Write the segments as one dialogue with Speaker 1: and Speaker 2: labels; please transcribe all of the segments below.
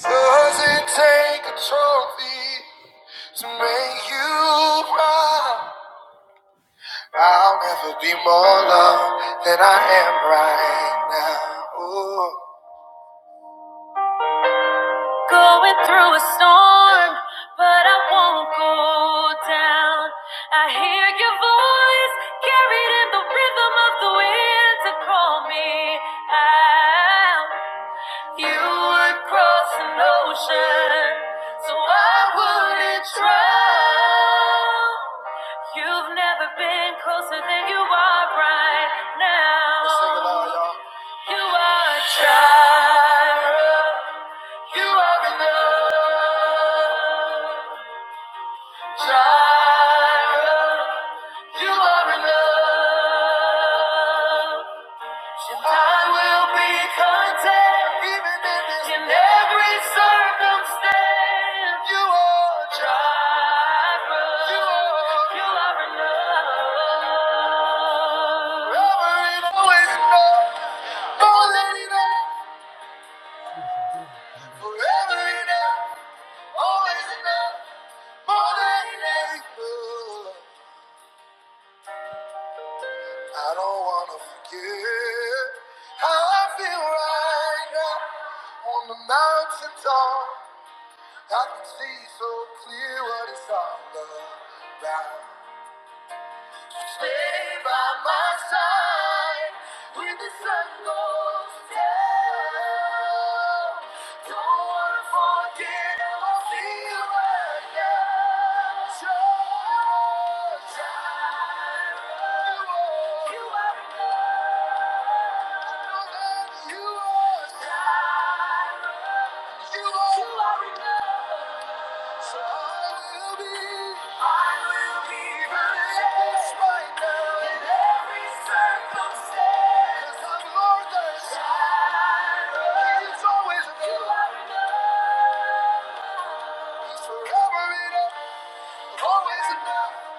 Speaker 1: Does it take a trophy to make you proud? I'll never be more loved than I am right now. Ooh. Going through a storm, but I won't go down. I hear your voice carried in the rhythm of the wind to call me out. You would cross an ocean, so I wouldn't drown. You've never been closer than you are right now. you are a Jireh. You are enough. Jireh. You are enough. I will be content even in this in every circumstance. You are Jireh. You are enough. Forever enough. More than enough. Forever enough. Always enough. More than enough. I don't wanna forget how I feel right now on the mountain top. I can see so clear what it's all about. Stay by my side when the sun goes down. Don't wanna forget how I feel right now. Jehovah you are enough.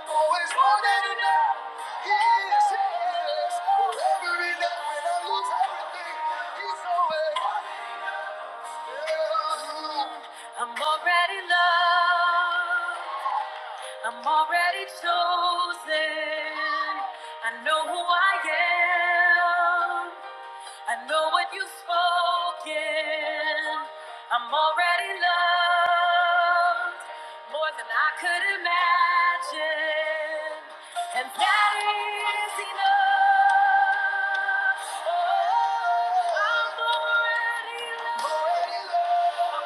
Speaker 1: Always more than enough. He is, he is, forever enough. When I lose everything, he's always. I'm already loved. I'm already chosen. I know who I am. I know what you've spoken. I'm already loved more than I could imagine, and that is enough. Oh, I'm already loved. Thank you.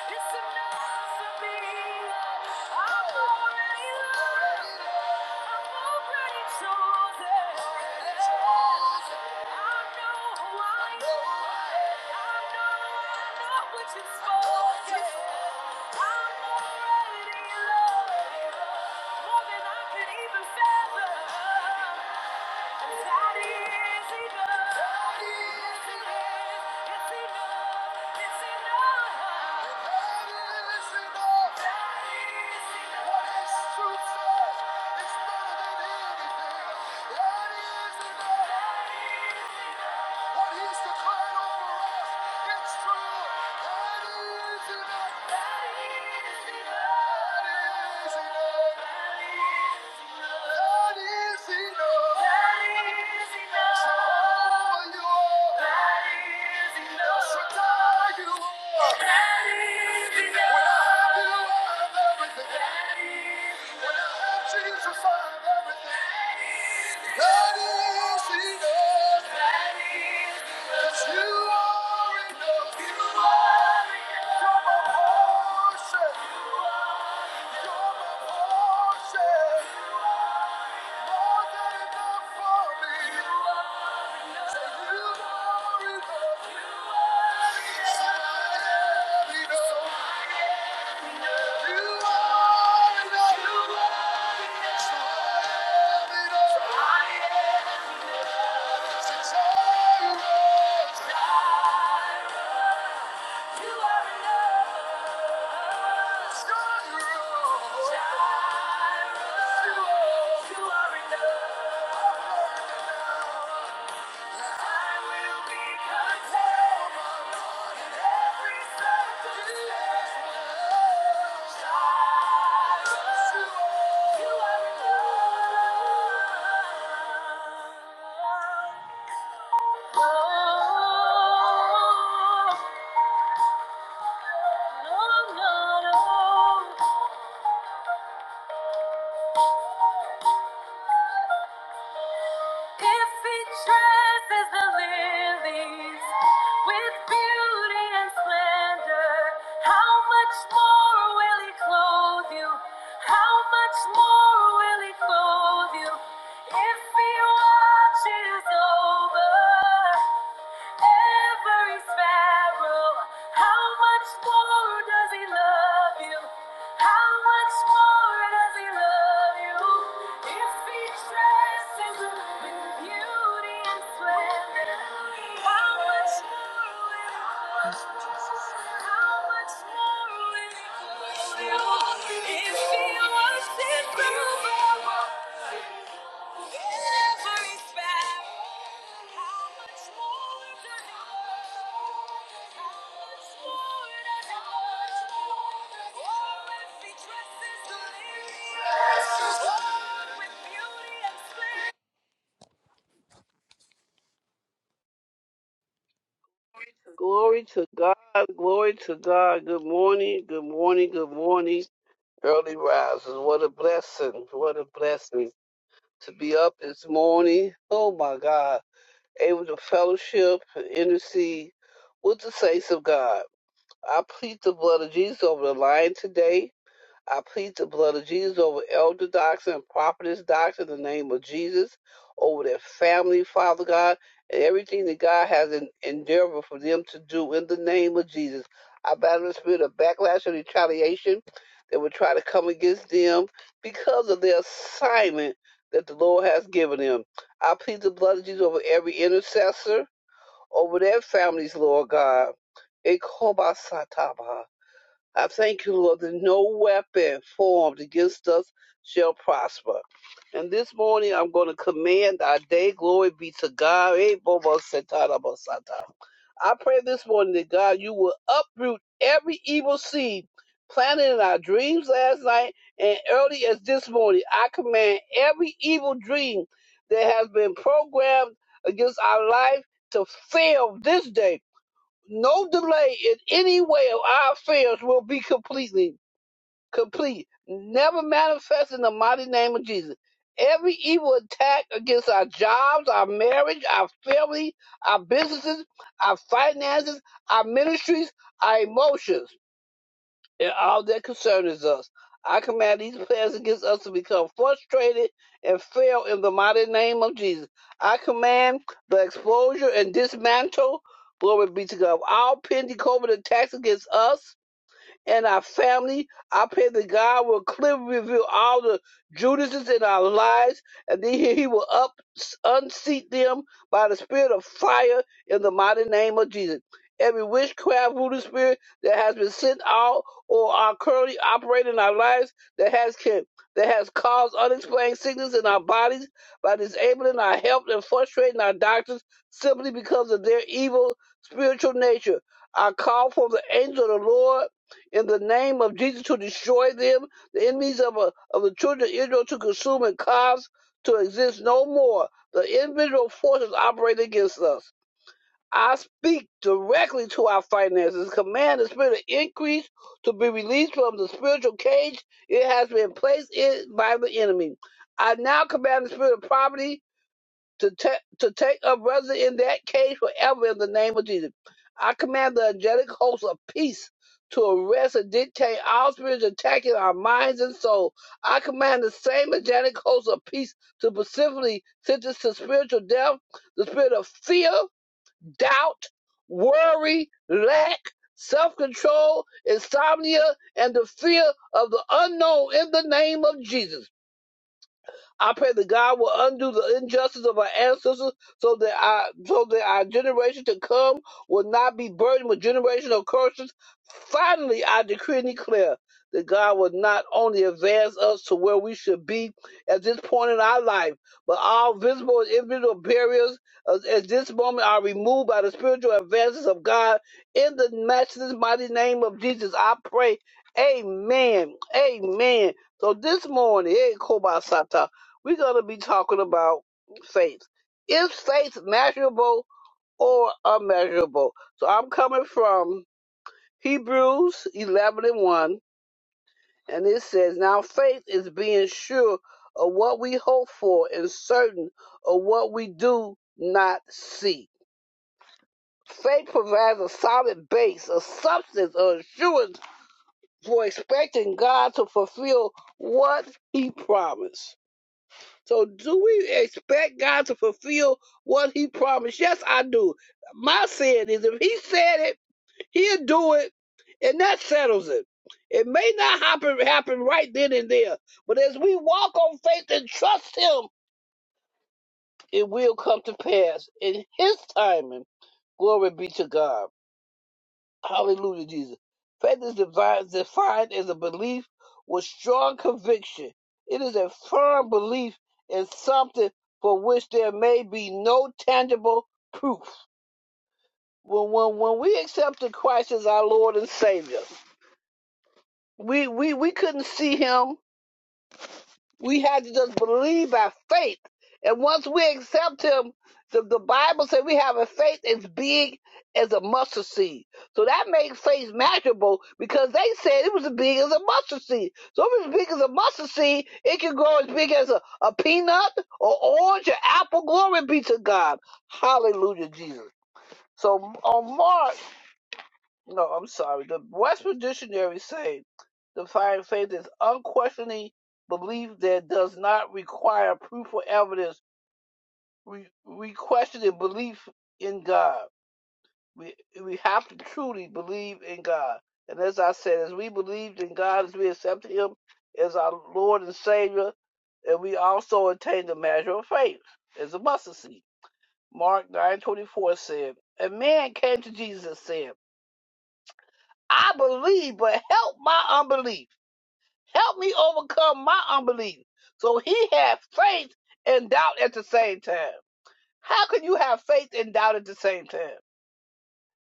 Speaker 1: It's enough for me. I'm already loved. I'm already chosen. I know I am. I know, I know what you've spoken. I'm already loved. More than I could even fathom. It's better than anything. Thank enough. What he's declared over us, it's true. That is enough. That is enough. That is enough. Jehovah, you are. Shaddai, you are. When I That is enough. You are enough. Oh, no, no, no. If he dresses the lilies with beauty and splendor, how much more will he clothe you? How much more will he clothe you? If he watches over every sparrow. How much more does he love you? How much more does he love you? If he dresses with beauty and splendor, how much more will he love you? How much more will he love you? If he worships you, Oh,
Speaker 2: Glory to God. Glory to God. Good morning. Good morning. Good morning. Early risers. What a blessing. What a blessing to be up this morning. Oh my God. Able to fellowship and intercede with the saints of God. I plead the blood of Jesus over the line today. I plead the blood of Jesus over elder doctor and prophetess doctor in the name of Jesus, over their family, Father God, and everything that God has en- endeavored for them to do in the name of Jesus. I battle the spirit of backlash and retaliation that will try to come against them because of their assignment that the Lord has given them. I plead the blood of Jesus over every intercessor, over their families, Lord God. Ekobasataba. I thank you, Lord, that no weapon formed against us shall prosper. And this morning I'm going to command our day. Glory be to God. Eh, bobo, setara, bosata. I pray this morning that God, you will uproot every evil seed planted in our dreams last night and early as this morning. I command every evil dream that has been programmed against our life to fail this day no delay in any way of our affairs will be completely complete, never manifest in the mighty name of Jesus. Every evil attack against our jobs, our marriage, our family, our businesses, our finances, our ministries, our emotions and all that concerns us. I command these plans against us to become frustrated and fail in the mighty name of Jesus. I command the exposure and dismantle, glory be to God, of all pending COVID attacks against us and our family. I pray that God will clearly reveal all the Judases in our lives, and then He He will up unseat them by the Spirit of fire in the mighty name of Jesus. Every witchcraft voodoo spirit that has been sent out or are currently operating in our lives that has can, that has caused unexplained sickness in our bodies by disabling our health and frustrating our doctors simply because of their evil spiritual nature. I call for the angel of the Lord in the name of Jesus to destroy them, the enemies of, a, of the children of Israel to consume and cause to exist no more. The individual forces operate against us. I speak directly to our finances, command the spirit of increase to be released from the spiritual cage it has been placed in by the enemy. I now command the spirit of poverty to take to take up residence in that cage forever in the name of Jesus. I command the angelic host of peace to arrest and dictate all spirits attacking our minds and soul. I command the same angelic host of peace to specifically sentence to spiritual death, the spirit of fear, doubt, worry, lack, self-control, insomnia, and the fear of the unknown in the name of Jesus. I pray that God will undo the injustice of our ancestors so that our so that our generation to come will not be burdened with generational curses. Finally, I decree and declare that God will not only advance us to where we should be at this point in our life, but all visible and invisible barriers uh, at this moment are removed by the spiritual advances of God. In the matchless mighty name of Jesus, I pray. Amen. Amen. So this morning, hey, Kobasata. We're going to be talking about faith. Is faith measurable or unmeasurable? So I'm coming from Hebrews 11 and 1, and it says, Now faith is being sure of what we hope for and certain of what we do not see. Faith provides a solid base, a substance, or assurance for expecting God to fulfill what He promised. So do we expect God to fulfill what he promised? Yes, I do. My sin is if he said it, he'll do it, and that settles it. It may not happen happen right then and there, but as we walk on faith and trust him, it will come to pass in his timing. Glory be to God. Hallelujah, Jesus. Faith is divi- defined as a belief with strong conviction. It is a firm belief in something for which there may be no tangible proof. When, when, when we accepted Christ as our Lord and Savior, we, we, we couldn't see Him We had to just believe by faith. And once we accept him, the, the Bible says we have a faith as big as a mustard seed. So that makes faith measurable because they said it was as big as a mustard seed. So if it's as big as a mustard seed, it can grow as big as a, a peanut or orange or apple. Glory be to God. Hallelujah, Jesus. So on Mark no, I'm sorry. The Westminster Dictionary say defining faith is unquestioning belief that does not require proof or evidence. We we question the belief in God. We we have to truly believe in God. And as I said, as we believed in God, as we accepted Him as our Lord and Savior, and we also attained the measure of faith as a mustard seed. Mark nine twenty four said, "A man came to Jesus and said." I believe, but help my unbelief. Help me overcome my unbelief. So he had faith and doubt at the same time. How can you have faith and doubt at the same time?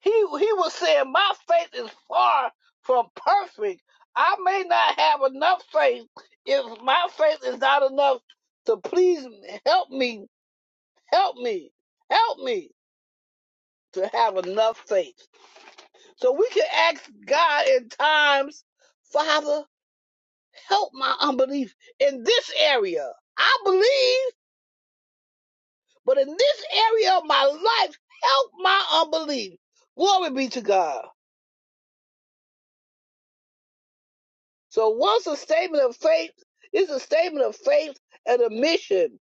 Speaker 2: He he was saying, My faith is far from perfect. I may not have enough faith if my faith is not enough to please me. Help me, help me, help me to have enough faith. So we can ask God in times, Father, help my unbelief in this area. I believe, but in this area of my life, help my unbelief. Glory be to God. So once a statement of faith It's a statement of faith and admission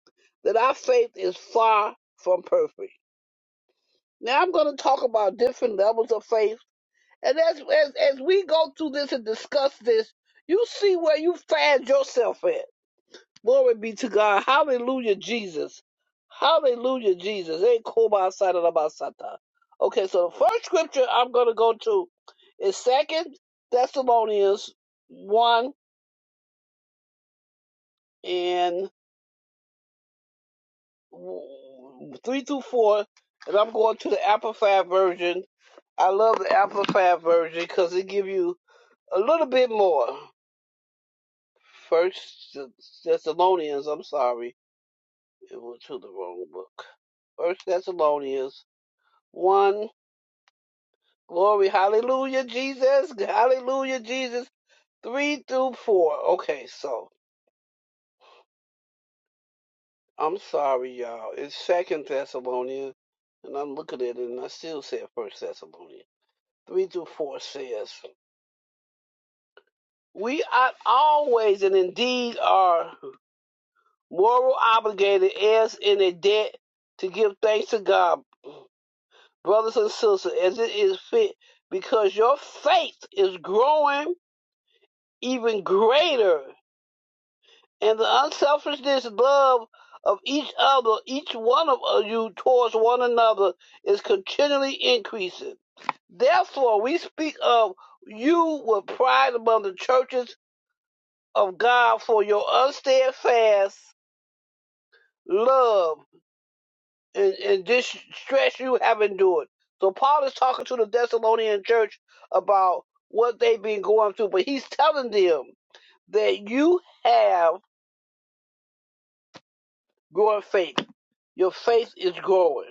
Speaker 2: that our faith is far from perfect. Now I'm going to talk about different levels of faith. And as, as, as we go through this and discuss this, you see where you find yourself at. Glory be to God. Hallelujah, Jesus. Hallelujah, Jesus. Ain't Kobasata. Okay, so the first scripture I'm gonna go to is Second Thessalonians one and three through four, and I'm going to the Amplified version. I love the Amplified version because it give you a little bit more. First Thessalonians, I'm sorry, it went to the wrong book. First Thessalonians 1 Glory. Hallelujah, Jesus. Hallelujah, Jesus. Three through four. Okay, so I'm sorry, y'all. It's Second Thessalonians, and I'm looking at it, and I still said First Thessalonians. Three through four says, "We are always and indeed are moral obligated as in a debt to give thanks to God, brothers and sisters, as it is fit, because your faith is growing even greater." and the unselfishness love of each other, each one of uh, you towards one another is continually increasing. Therefore, we speak of you with pride among the churches of God for your unsteadfast love and, and this stress you have endured. So, Paul is talking to the Thessalonian church about what they've been going through, but he's telling them that you have growing faith. Your faith is growing.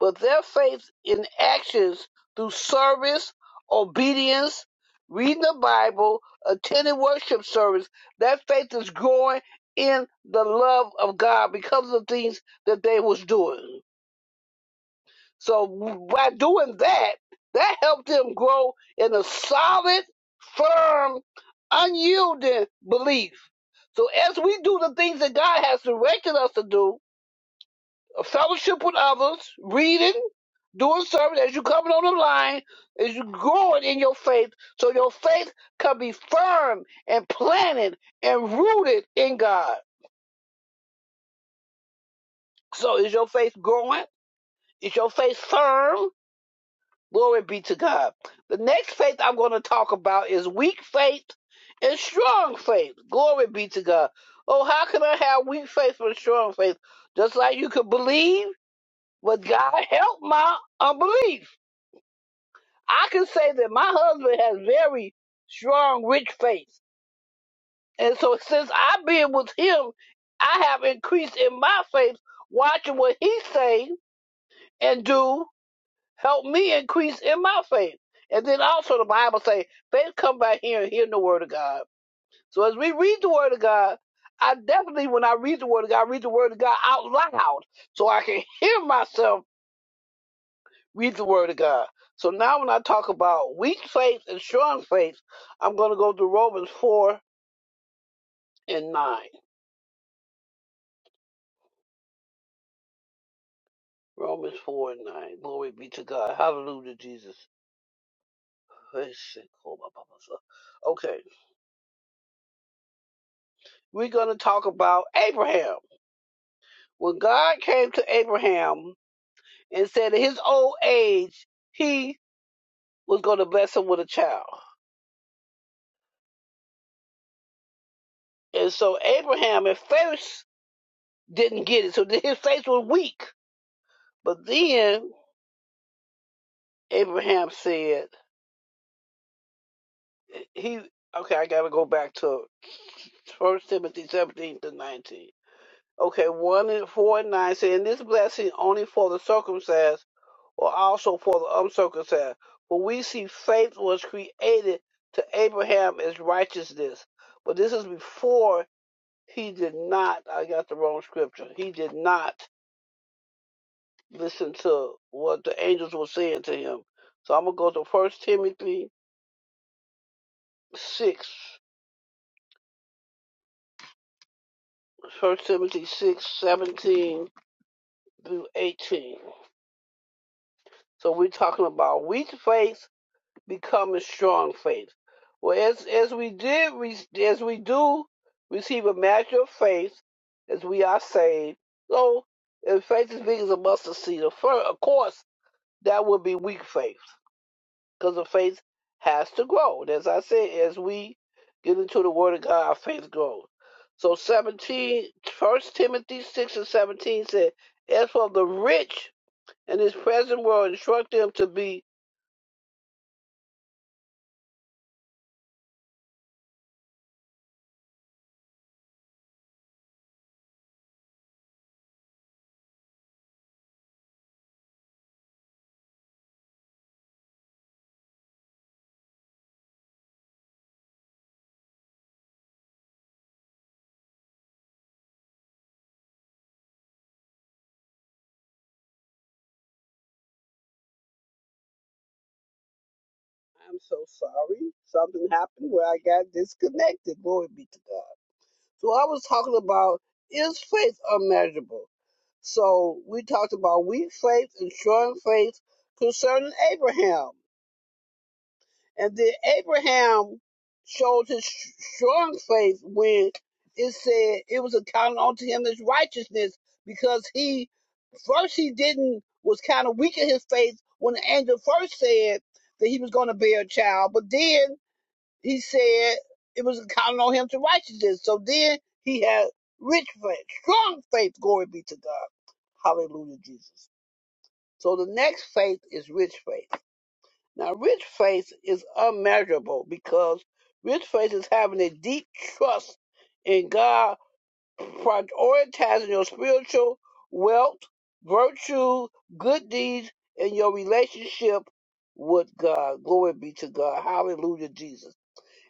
Speaker 2: but their faith in actions through service, obedience, reading the Bible, attending worship service, that faith is growing in the love of God because of things that they was doing. So by doing that, that helped them grow in a solid, firm, unyielding belief. So as we do the things that God has directed us to do, fellowship with others, reading, doing service as you coming on the line, as you growing in your faith, so your faith can be firm and planted and rooted in God. So is your faith growing? Is your faith firm? Glory be to God. The next faith I'm going to talk about is weak faith and strong faith. Glory be to God. Oh, how can I have weak faith and strong faith? Just like you could believe, but God help my unbelief. I can say that my husband has very strong, rich faith. And so since I've been with him, I have increased in my faith, watching what he say and do help me increase in my faith. And then also the Bible say, faith come by hearing, hearing the word of God. So as we read the word of God, I definitely, when I read the word of God, I read the word of God out loud so I can hear myself Read the Word of God. So now, when I talk about weak faith and strong faith, I'm going to go to Romans 4 and 9. Romans 4 and 9. Glory be to God. Hallelujah, Jesus. Okay, we're going to talk about Abraham. When God came to Abraham and said in his old age, he was going to bless him with a child. And so Abraham at first didn't get it. So his faith was weak. But then Abraham said, he okay, I gotta go back to First Timothy seventeen to nineteen. Okay, one and four and nine saying this blessing only for the circumcised or also for the uncircumcised. For we see faith was created to Abraham as righteousness. But this is before he did not I got the wrong scripture. He did not listen to what the angels were saying to him. So I'm gonna go to First Timothy six. First Timothy six seventeen through 18. So we're talking about weak faith becoming strong faith. Well, as, as we did, re- as we do receive a measure of faith, as we are saved, so if faith is big as a mustard seed, of course, that would be weak faith, because the faith has to grow. And as I said, as we get into the Word of God, our faith grows. So 17, First Timothy 6 and 17 said, As for the rich, and his present will instruct them to be. I'm so sorry. Something happened where I got disconnected. Glory be to God. So I was talking about is faith unmeasurable? So we talked about weak faith and strong faith concerning Abraham. And then Abraham showed his strong faith when it said it was accounted unto him as righteousness because he first he didn't was kind of weak in his faith when the angel first said that he was going to bear a child, but then he said it was accounted on him to righteousness. So then he had rich faith, strong faith. Glory be to God. Hallelujah, Jesus. So the next faith is rich faith. Now, rich faith is unmeasurable because rich faith is having a deep trust in God, prioritizing your spiritual wealth, virtue, good deeds, and your relationship with God. Glory be to God. Hallelujah, Jesus.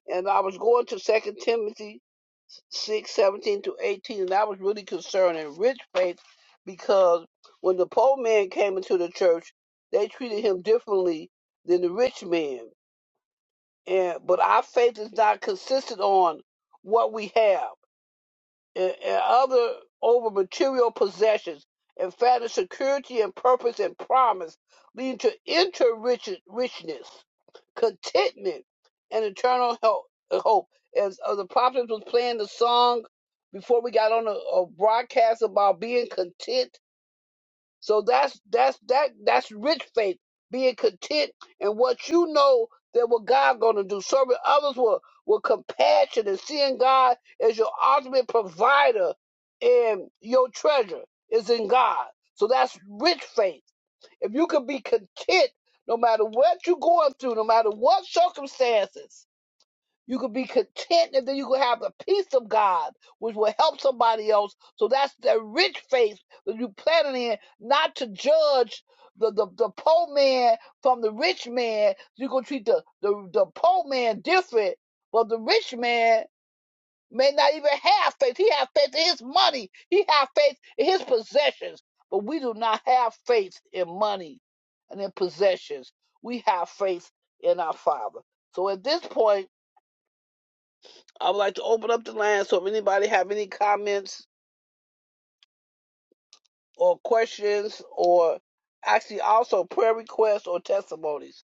Speaker 2: And I was going to Second Timothy 6 17 to 18, and I was really concerned in rich faith because when the poor man came into the church, they treated him differently than the rich man and but our faith is not consistent on what we have and, and other over material possessions In fact, in security and purpose and promise leading to inner rich, richness contentment and eternal help, uh, hope as uh, the prophet was playing the song before we got on a, a broadcast about being content so that's that's that that's rich faith, being content in what you know that what God gonna do, serving others with with compassion and seeing God as your ultimate provider and your treasure is in God. So that's rich faith. If you can be content no matter what you're going through, no matter what circumstances, you could be content and then you could have the peace of God, which will help somebody else. So that's the rich faith that you planted in, not to judge the, the, the poor man from the rich man. You're going to treat the, the, the poor man different, but the rich man may not even have faith. He have faith in his money. He have faith in his possessions. But we do not have faith in money and in possessions. We have faith in our Father. So at this point, I would like to open up the line so if anybody have any comments or questions or actually also prayer requests or testimonies.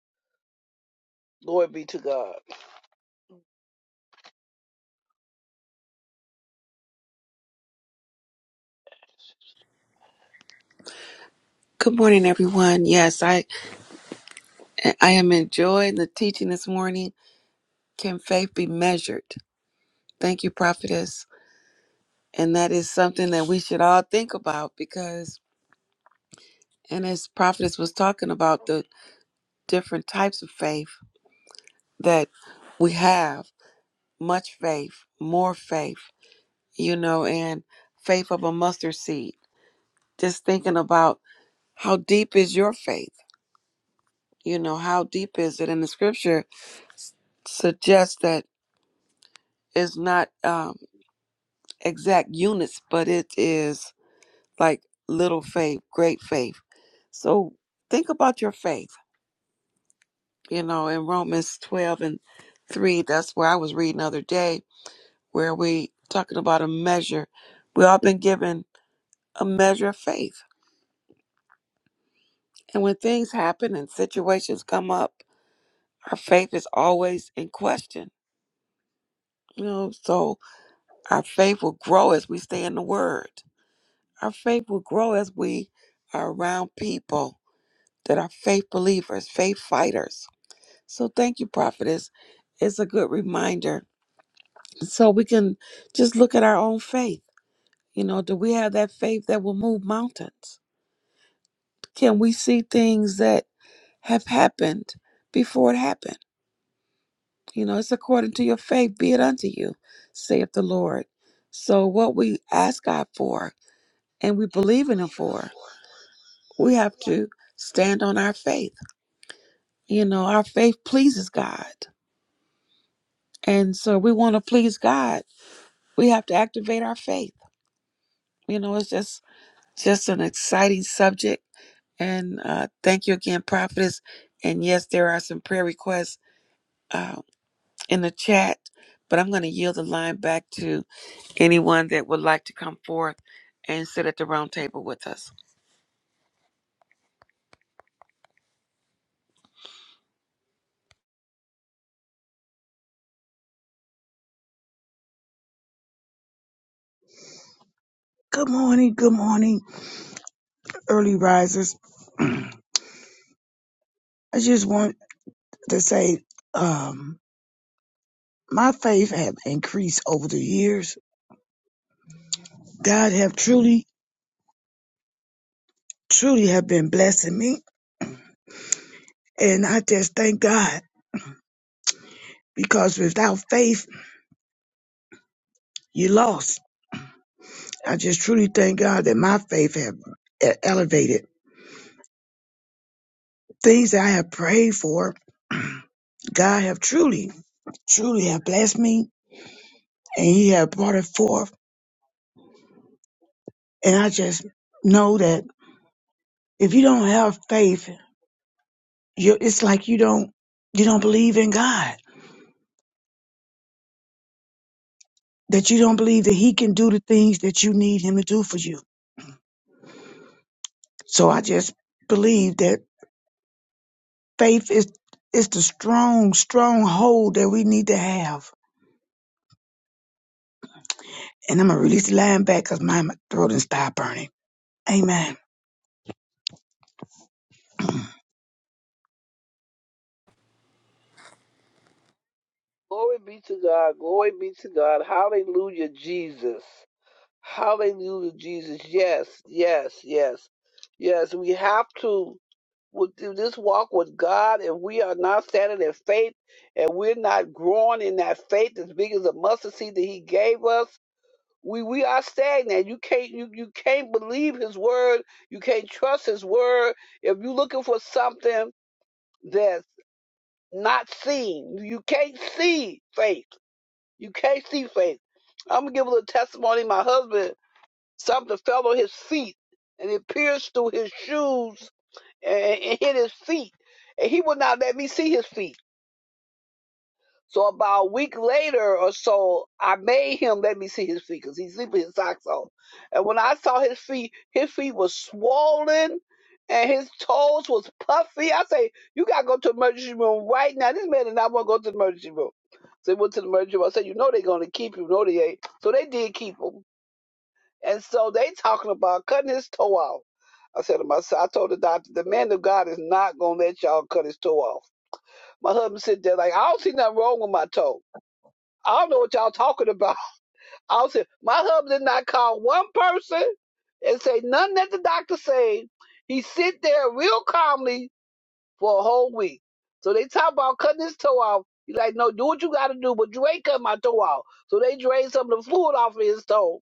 Speaker 2: Glory be to God.
Speaker 1: Good morning, everyone. Yes, I I am enjoying the teaching this morning. Can faith be measured? Thank you, prophetess. And that is something that we should all think about because, and as prophetess was talking about the different types of faith, that we have much faith, more faith, you know, and faith of a mustard seed. Just thinking about how deep is your faith, you know, how deep is it? And the scripture suggests that it's not um, exact units, but it is like little faith, great faith. So think about your faith, you know, in Romans 12 and 3, that's where I was reading the other day, where we talking about a measure. We all been given a measure of faith. And when things happen and situations come up, our faith is always in question. You know, so our faith will grow as we stay in the word. Our faith will grow as we are around people that are faith believers, faith fighters. So thank you, prophetess. It's a good reminder. So we can just look at our own faith. You know, do we have that faith that will move mountains? Can we see things that have happened before it happened? You know, it's according to your faith, be it unto you, saith the Lord. So, what we ask God for and we believe in Him for, we have to stand on our faith. You know, our faith pleases God. And so, we want to please God. We have to activate our faith. You know, it's just just an exciting subject. And uh, thank you again, prophetess. And yes, there are some prayer requests uh, in the chat, but I'm going to yield the line back to Anyone that would like to come forth and sit at the round table with us.
Speaker 3: Good morning, good morning, early risers. I just want to say, um, my faith have increased over the years. God have truly, truly have been blessing me, and I just thank God because without faith, you lost. I just truly thank God that my faith have e- elevated things that I have prayed for. God have truly, truly have blessed me, and He have brought it forth. And I just know that if you don't have faith you it's like you don't you don't believe in God that you don't believe that he can do the things that you need him to do for you so i just believe that faith is is the strong strong hold that we need to have and i'm gonna release the line back because my my throat and stop burning amen
Speaker 2: Glory be to God. Glory be to God. Hallelujah, Jesus. Hallelujah, Jesus. Yes, yes, yes. Yes, we have to with this walk with God and we are not standing in faith and we're not growing in that faith as big as a mustard seed that he gave us we we are stagnant. You can't you you can't believe his word. You can't trust his word. If you're looking for something that's not seen, you can't see faith. You can't see faith. I'm gonna give a little testimony. My husband, something fell on his feet and it pierced through his shoes and, and hit his feet. And he would not let me see his feet. So about a week later or so, I made him let me see his feet because he's sleeping his socks on. And when I saw his feet, his feet was swollen and his toes was puffy. I say, you gotta go to the emergency room right now. This man did not want to go to the emergency room. So he went to the emergency room. I said, you know they're gonna keep you. No, they ain't. So they did keep him. And so they talking about cutting his toe out. I said to myself, I told the doctor, the man of God is not gonna let y'all cut his toe off. My husband sit there like, I don't see nothing wrong with my toe. I don't know what y'all talking about. I was saying, my husband did not call one person and say nothing that the doctor said. He sit there real calmly for a whole week. So they talk about cutting his toe off. He's like, no, do what you got to do, but you ain't cutting my toe off. So they drained some of the fluid off of his toe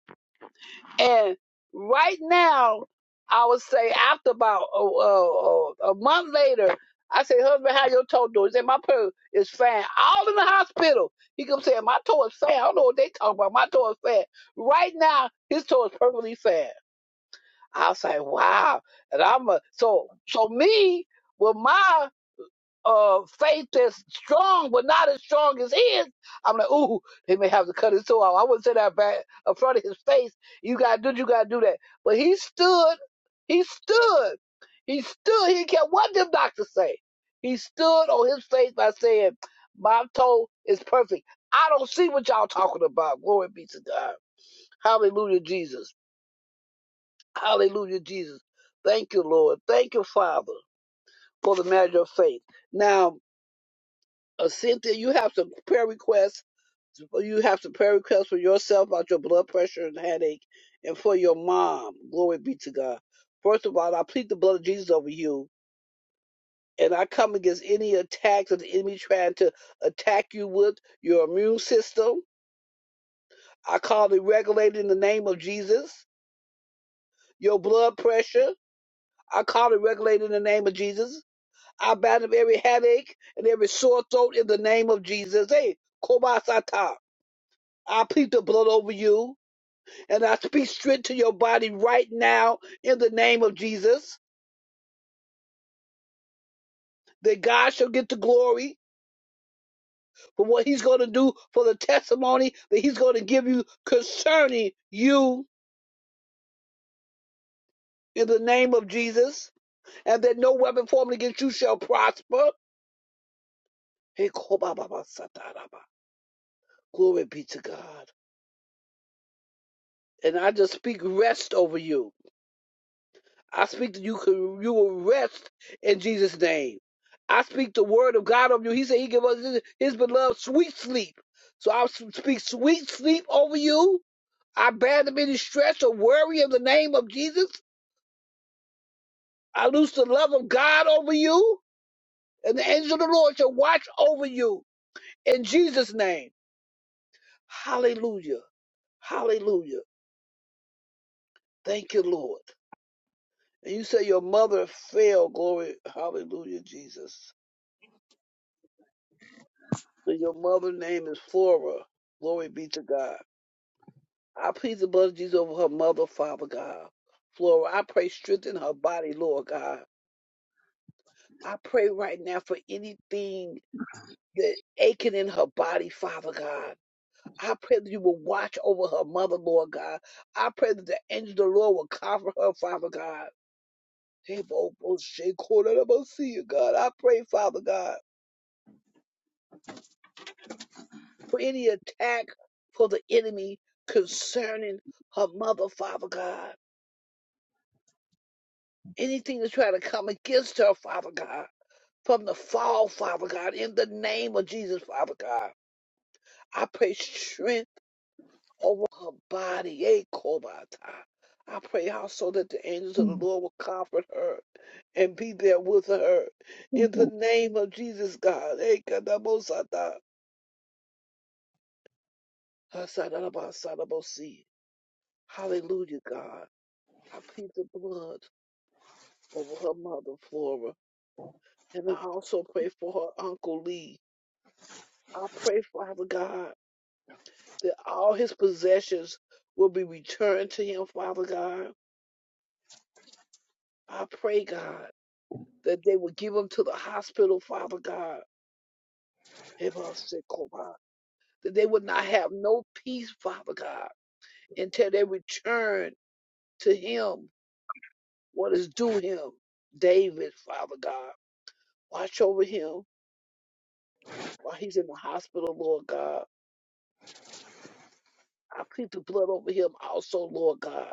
Speaker 2: and right now, I would say after about a, a, a, month later, I say, husband, how your toe doing? He said, my toe is fine. All in the hospital. He come saying, my toe is fine. I don't know what they talking about. My toe is fine. Right now, his toe is perfectly fine. I was like, wow. And I'm a, so, so me, with my uh, faith that's strong, but not as strong as his. I'm like, ooh, they may have to cut his toe out. I wouldn't say that back in front of his face. You gotta do, you gotta do that. But he stood, he stood, he stood. He didn't care what them doctors say. He stood on his faith by saying, my toe is perfect. I don't see what y'all talking about. Glory be to God. Hallelujah, Jesus. Hallelujah, Jesus. Thank you, Lord. Thank you, Father, for the measure of faith. Now, Uh, Cynthia, you have some prayer requests. You have some prayer requests for yourself about your blood pressure and headache, and for your mom. Glory be to God. First of all, I plead the blood of Jesus over you, and I come against any attacks of the enemy trying to attack you with your immune system. I call it regulated in the name of Jesus. Your blood pressure, I call it regulated in the name of Jesus. I bind up every headache and every sore throat in the name of Jesus. Hey, Kobasata. I plead the blood over you and I speak strength to your body right now in the name of Jesus. That God shall get the glory for what He's going to do, for the testimony that He's going to give you concerning you in the name of Jesus, and that no weapon formed against you shall prosper. Hey, Glory be to God. And I just speak rest over you I speak that you could you will rest in Jesus' name. I speak the word of God over you. He said he gave us his, his beloved sweet sleep. So I speak sweet sleep over you. I bear the any stress or worry in the name of Jesus. I loose the love of God over you, and the angel of the Lord shall watch over you in Jesus' name. Hallelujah. Hallelujah. Thank you, Lord. And you say your mother fell. Glory. Hallelujah, Jesus. And your mother's name is Flora. Glory be to God. I plead the blood of Jesus over her mother, Father God. Flora, I pray strengthen her body, Lord God. I pray right now for anything that aching in her body, Father God. I pray that you will watch over her mother, Lord God. I pray that the angel of the Lord will cover her, Father God. Hey, Bo, Bo, Shay, Corner, I'm gonna see you, God. I pray, Father God, for any attack for the enemy concerning her mother, Father God. anything to try to come against her, Father God, from the fall, Father God, in the name of Jesus, Father God. I pray strength over her body, eh, Kobata. I pray also that the angels of the Lord will comfort her and be there with her in the name of Jesus, God. eh, Kadabosata. Hasadabasadabosi. Hallelujah, God. I plead the blood over her mother, Flora, and I also pray for her uncle Lee. I pray, Father God, that all his possessions will be returned to him, Father God. I pray, God, that they will give him to the hospital, Father God. Hebasekoba. That they would not have no peace, Father God, until they return to him what is due him. David, Father God, watch over him while he's in the hospital, Lord God. I plead the blood over him also, Lord God.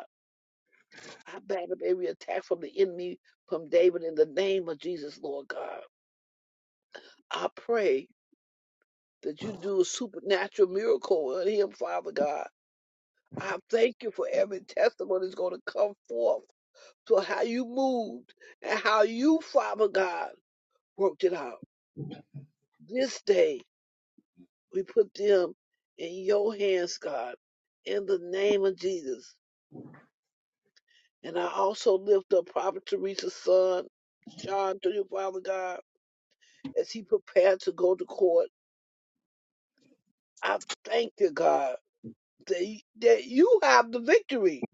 Speaker 2: I batter every attack from the enemy from David in the name of Jesus, Lord God. I pray that you do a supernatural miracle on him, Father God. I thank you for every testimony that's going to come forth to how you moved and how you, Father God, worked it out. This day, we put them in your hands, God, in the name of Jesus. And I also lift up Prophet Teresa's son, Sean, to you, Father God. as he prepared to go to court. I thank you, God, that, he- that you have the victory,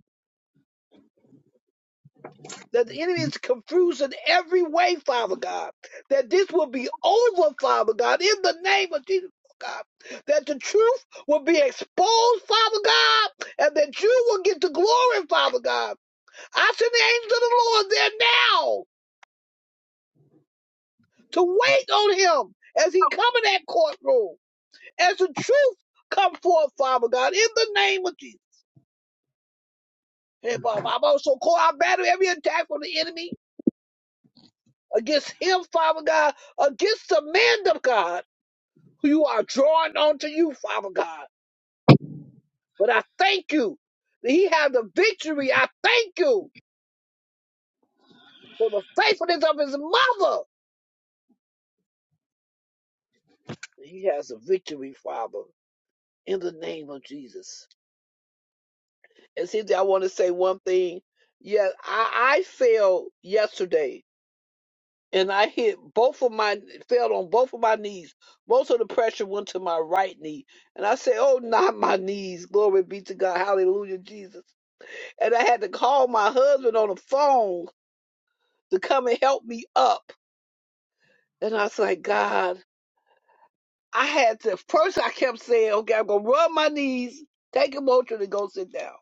Speaker 2: that the enemy is confused in every way, Father God, that this will be over, Father God, in the name of Jesus. oh God, that the truth will be exposed, Father God, and that you will get the glory, Father God. I send the angels of the Lord there now to wait on him as he come in that courtroom, as the truth come forth, Father God, in the name of Jesus. Hey, Father, I'm also call I battle every attack from the enemy against him, Father God, against the man of God who you are drawing onto you, Father God. But I thank you that he has the victory. I thank you for the faithfulness of his mother. He has the victory, Father, in the name of Jesus. And see, I want to say one thing. Yes, I, I failed yesterday and I hit both of my fell on both of my knees. Most of the pressure went to my right knee, and I said, "Oh, not my knees! Glory be to God! Hallelujah, Jesus!" And I had to call my husband on the phone to come and help me up. And I was like, "God, I had to." First, I kept saying, "Okay, I'm gonna rub my knees, take a motion, and go sit down."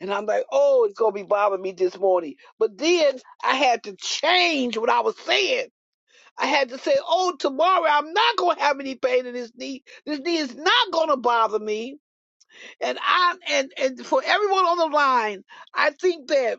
Speaker 2: And I'm like, "Oh, it's gonna be bothering me this morning." But then I had to change what I was saying I had to say, oh, tomorrow I'm not gonna have any pain in this knee. This knee is not gonna bother me. And I and and for everyone on the line, I think that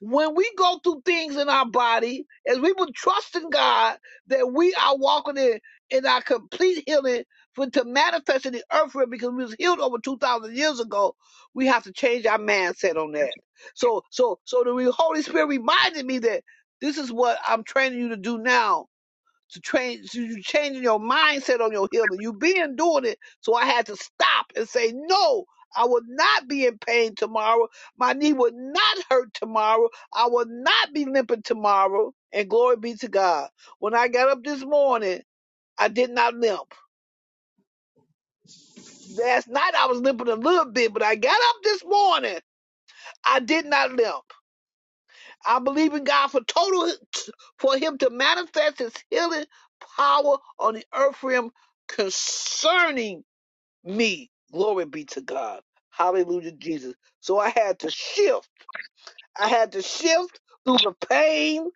Speaker 2: when we go through things in our body, as we would trust in God that we are walking in in our complete healing for to manifest in the earth realm because we was healed over two thousand years ago, we have to change our mindset on that. So so so the Holy Spirit reminded me that this is what I'm training you to do now to train to you changing your mindset on your healing. You been doing it, so I had to stop and say, No, I will not be in pain tomorrow. My knee will not hurt tomorrow. I will not be limping tomorrow. And glory be to God. When I got up this morning, I did not limp. Last night I was limping a little bit, but I got up this morning. I did not limp. I believe in God for total for him to manifest his healing power on the earth realm concerning me. Glory be to God. Hallelujah, Jesus. So I had to shift. I had to shift through the pain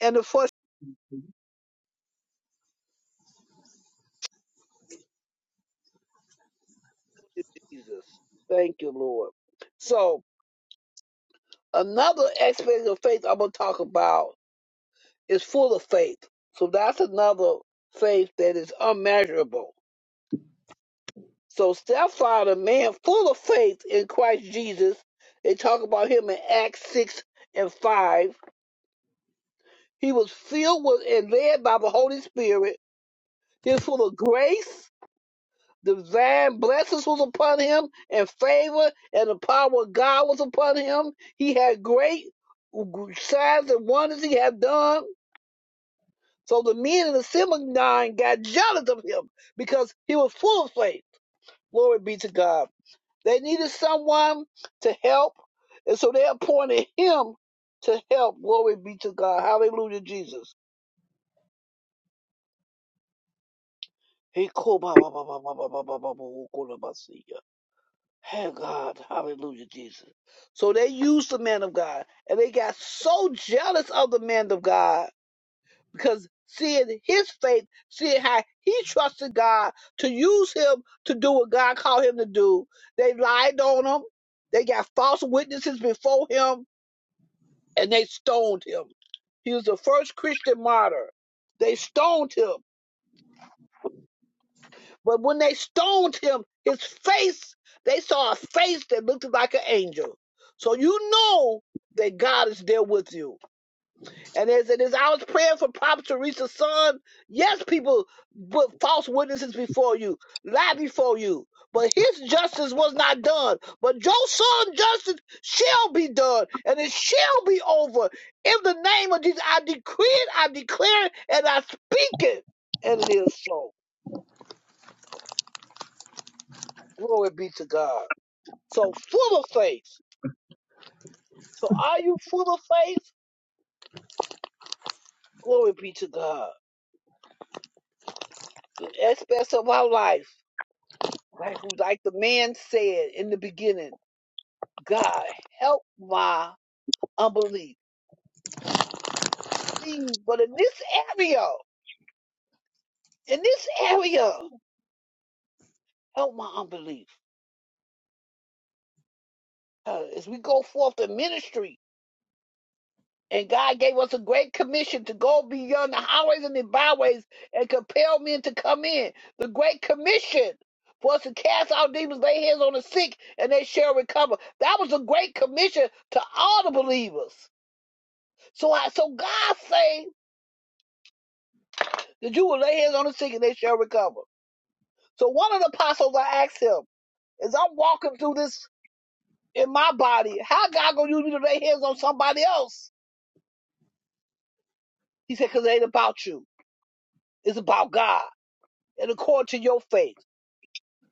Speaker 2: and the frustration. Jesus. Thank you, Lord. So another aspect of faith I'm gonna talk about is full of faith. So that's another faith that is unmeasurable. So Sapphira, a man full of faith in Christ Jesus, they talk about him in Acts 6 and 5. He was filled with and led by the Holy Spirit. He was full of grace. Divine blessings was upon him and favor and the power of God was upon him. He had great signs and wonders he had done. So the men in the synagogue got jealous of him because he was full of faith. Glory be to God. They needed someone to help, and so they appointed him to help. Glory be to God. Hallelujah, Jesus. He ko- ba- Hey God, hallelujah, Jesus. So they used the man of God, and they got so jealous of the man of God because seeing his faith, seeing how he trusted God to use him to do what God called him to do, they lied on him. They got false witnesses before him and they stoned him. He was the first Christian martyr. They stoned him. But when they stoned him, his face, they saw a face that looked like an angel. So you know that God is there with you. And as it is, I was praying for Prophet Teresa's son. Yes, people put false witnesses before you, lie before you, but his justice was not done. But your son's justice shall be done, and it shall be over. In the name of Jesus, I decree it, I declare it, and I speak it, and it is so. Glory be to God. So full of faith. So are you full of faith? Glory be to God. In aspects of our life. Like, like the man said in the beginning, God, help my unbelief. Please, but in this area, in this area, help my unbelief. Uh, as we go forth in ministry, and God gave us a great commission to go beyond the highways and the byways and compel men to come in. The great commission for us to cast out demons, lay hands on the sick, and they shall recover. That was a great commission to all the believers. So, I, so God say, That you will lay hands on the sick and they shall recover. So one of the apostles I asked him, as I'm walking through this in my body, how God gonna use me to lay hands on somebody else? He said, because it ain't about you. It's about God and according to your faith.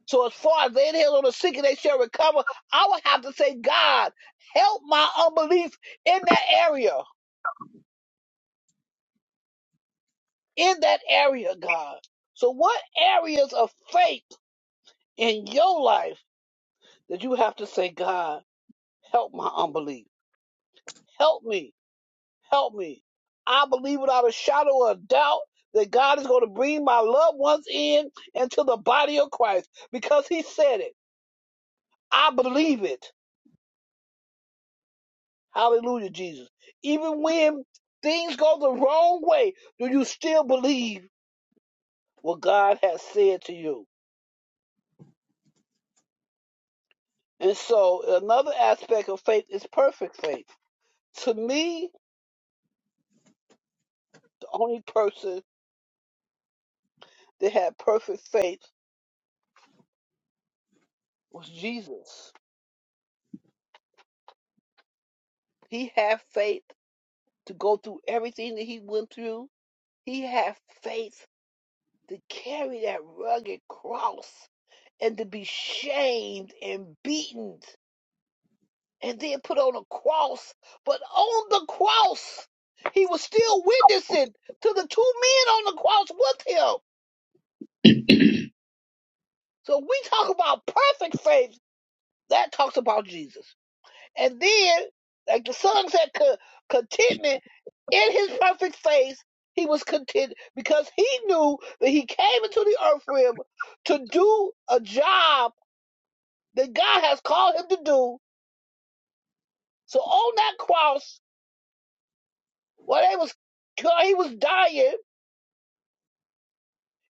Speaker 2: So as far as laying hands on the sick and they shall recover, I would have to say, God, help my unbelief in that area. In that area, God. So what areas of faith in your life that you have to say, God, help my unbelief? Help me Help me. I believe without a shadow of a doubt that God is going to bring my loved ones in into the body of Christ because He said it. I believe it. Hallelujah, Jesus. Even when things go the wrong way, do you still believe what God has said to you? And so, another aspect of faith is perfect faith. To me, the only person that had perfect faith was Jesus. He had faith to go through everything that he went through He had faith to carry that rugged cross and to be shamed and beaten and then put on a cross. But on the cross, he was still witnessing to the two men on the cross with him. So we talk about perfect faith. That talks about Jesus. And then, like the song said, co- contentment in his perfect face, he was content because he knew that he came into the earth realm to do a job that God has called him to do. So on that cross, while they was while he was dying,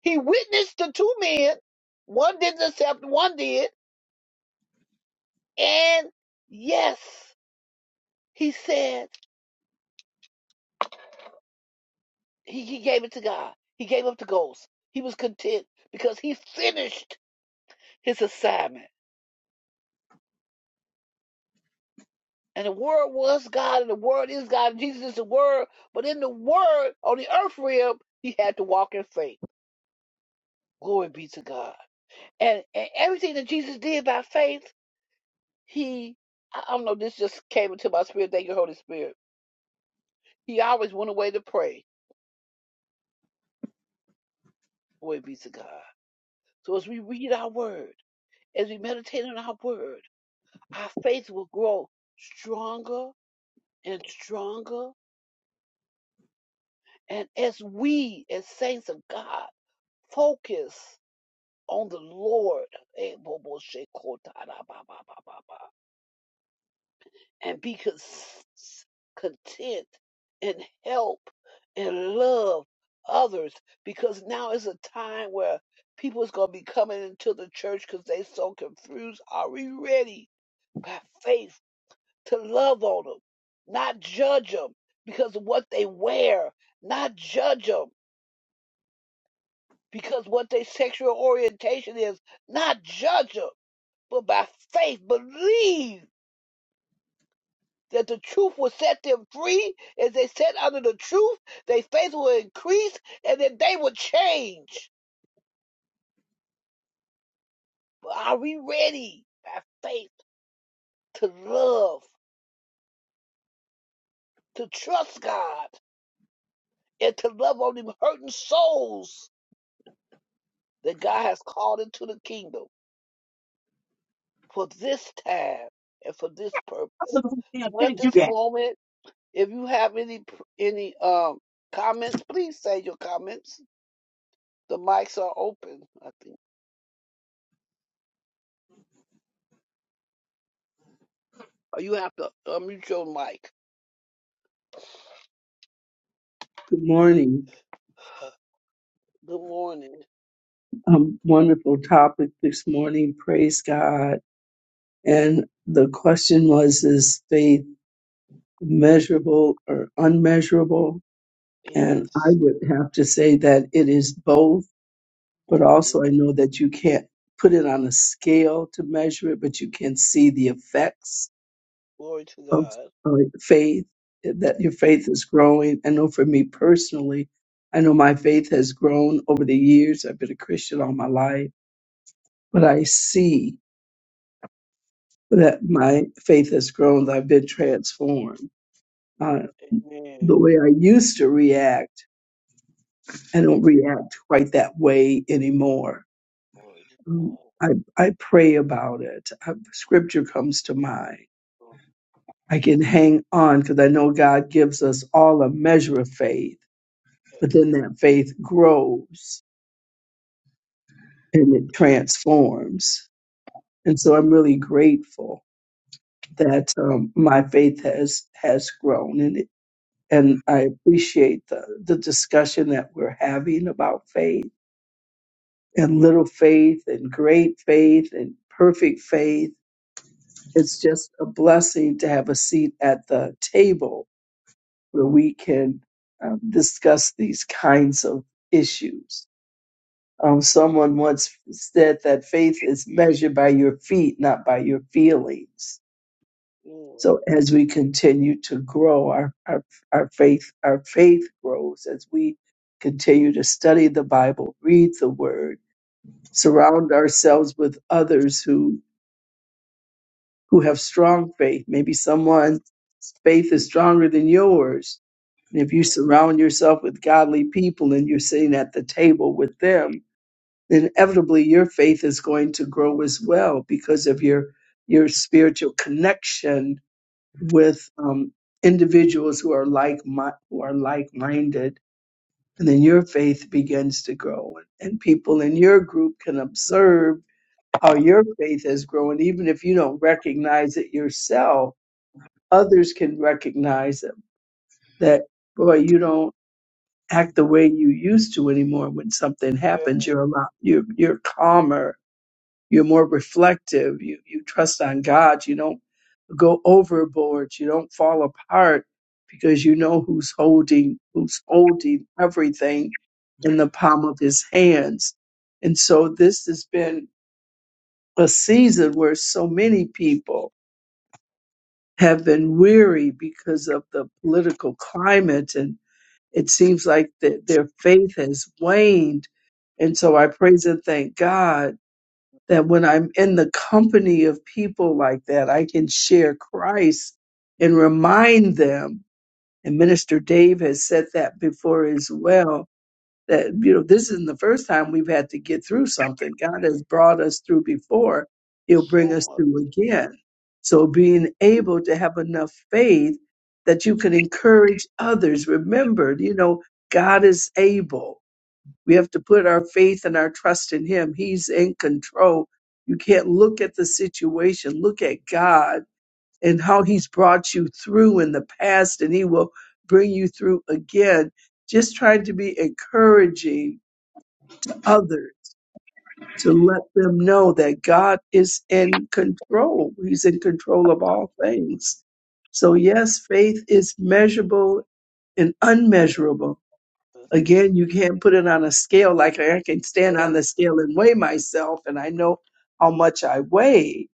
Speaker 2: he witnessed the two men. One didn't accept, one did, and yes, he said he, he gave it to God. He gave up the ghost. He was content because he finished his assignment. And the Word was God, and the Word is God, and Jesus is the Word. But in the Word, on the earth realm, he had to walk in faith. Glory be to God. And, and everything that Jesus did by faith, he, I I don't know, this just came into my spirit. Thank you, Holy Spirit. He always went away to pray. Glory be to God. So as we read our Word, as we meditate on our Word, our faith will grow stronger and stronger. And as we, as saints of God, focus on the Lord eh, and be content and help and love others because now is a time where people is going to be coming into the church because they so confused. Are we ready by faith to love on them, not judge them because of what they wear, not judge them because what their sexual orientation is, not judge them. but by faith believe that the truth will set them free. As they set under the truth, their faith will increase and that they will change. But are we ready by faith to love, to trust God, and to love on them hurting souls that God has called into the kingdom for this time and for this purpose? So at
Speaker 3: you
Speaker 2: this
Speaker 3: got
Speaker 2: moment, if you have any any um comments, please say your comments. The mics are open, I think. Or you have to unmute your mic.
Speaker 4: Good morning.
Speaker 2: Good morning.
Speaker 4: Um, wonderful topic this morning. Praise God. And the question was, is faith measurable or unmeasurable? And I
Speaker 2: Yes.
Speaker 4: would have to say that it is both, but
Speaker 2: hmm
Speaker 4: also I know that you can't put it on a scale to measure it, but you can see the effects
Speaker 2: Glory to
Speaker 4: of
Speaker 2: God.
Speaker 4: uh, faith, eh, that your faith is growing. I know for me personally, I know my faith has grown over the years. I've been a Christian all my life, but I see. that my faith has grown, that I've been transformed. Uh,
Speaker 2: Amen.
Speaker 4: the way I used to react, I don't react quite that way anymore.
Speaker 2: Glory to
Speaker 4: Um,
Speaker 2: God.
Speaker 4: I, I pray about it. Uh, scripture comes to mind.
Speaker 2: Oh,
Speaker 4: I can hang on because I know God gives us all a measure of faith, but
Speaker 2: Yes.
Speaker 4: then that faith grows and it transforms. And so I'm really grateful that um, my faith has has grown and and I appreciate the, the discussion that we're having about faith and little faith and great faith and perfect faith. It's just a blessing to have a seat at the table where we can um, discuss these kinds of issues. Um, someone once said that faith is measured by your feet, not by your feelings.
Speaker 2: mm
Speaker 4: So as we continue to grow our, our, our faith, our faith grows as we continue to study the Bible, read the word, surround ourselves with others who, who have strong faith. Maybe someone's faith is stronger than yours. And if you
Speaker 2: mm.
Speaker 4: surround yourself with godly people and you're sitting at the table with them, then inevitably your faith is going to grow as well because of your, your spiritual connection with um, individuals who are like mi- who are like minded, and then your faith begins to grow, and and people in your group can observe how your faith has grown, even if you don't recognize it yourself. Others can recognize it, that boy, you don't act the way you used to anymore. When something
Speaker 2: Yeah.
Speaker 4: happens, you're a lot, you're you're calmer, you're more reflective. You you trust on God. You don't go overboard. You don't fall apart because you know who's holding who's holding everything in the palm of his hands. And so this has been a season where so many people have been weary because of the political climate and it seems like that their faith has waned. And so I praise and thank God that when I'm in the company of people like that, I can share Christ and remind them. And Minister Dave has said that before as well. That, you know, this isn't the first time we've had to get through something. God has brought us through before, He'll bring
Speaker 2: So
Speaker 4: us
Speaker 2: much.
Speaker 4: through again. So being able to have enough faith that you can encourage others. Remember, you know, God is able. We have to put our faith and our trust in Him. He's in control. You can't look at the situation, look at God and how He's brought you through in the past, and He will bring you through again. Just trying to be encouraging others to let them know that God is in control. He's in control of all things. So, yes, faith is measurable and
Speaker 2: Yeah.
Speaker 4: unmeasurable
Speaker 2: Look,
Speaker 4: again, you can't put it on a scale like I can stand
Speaker 2: Yes.
Speaker 4: on the scale and weigh myself, and I know how much I weigh,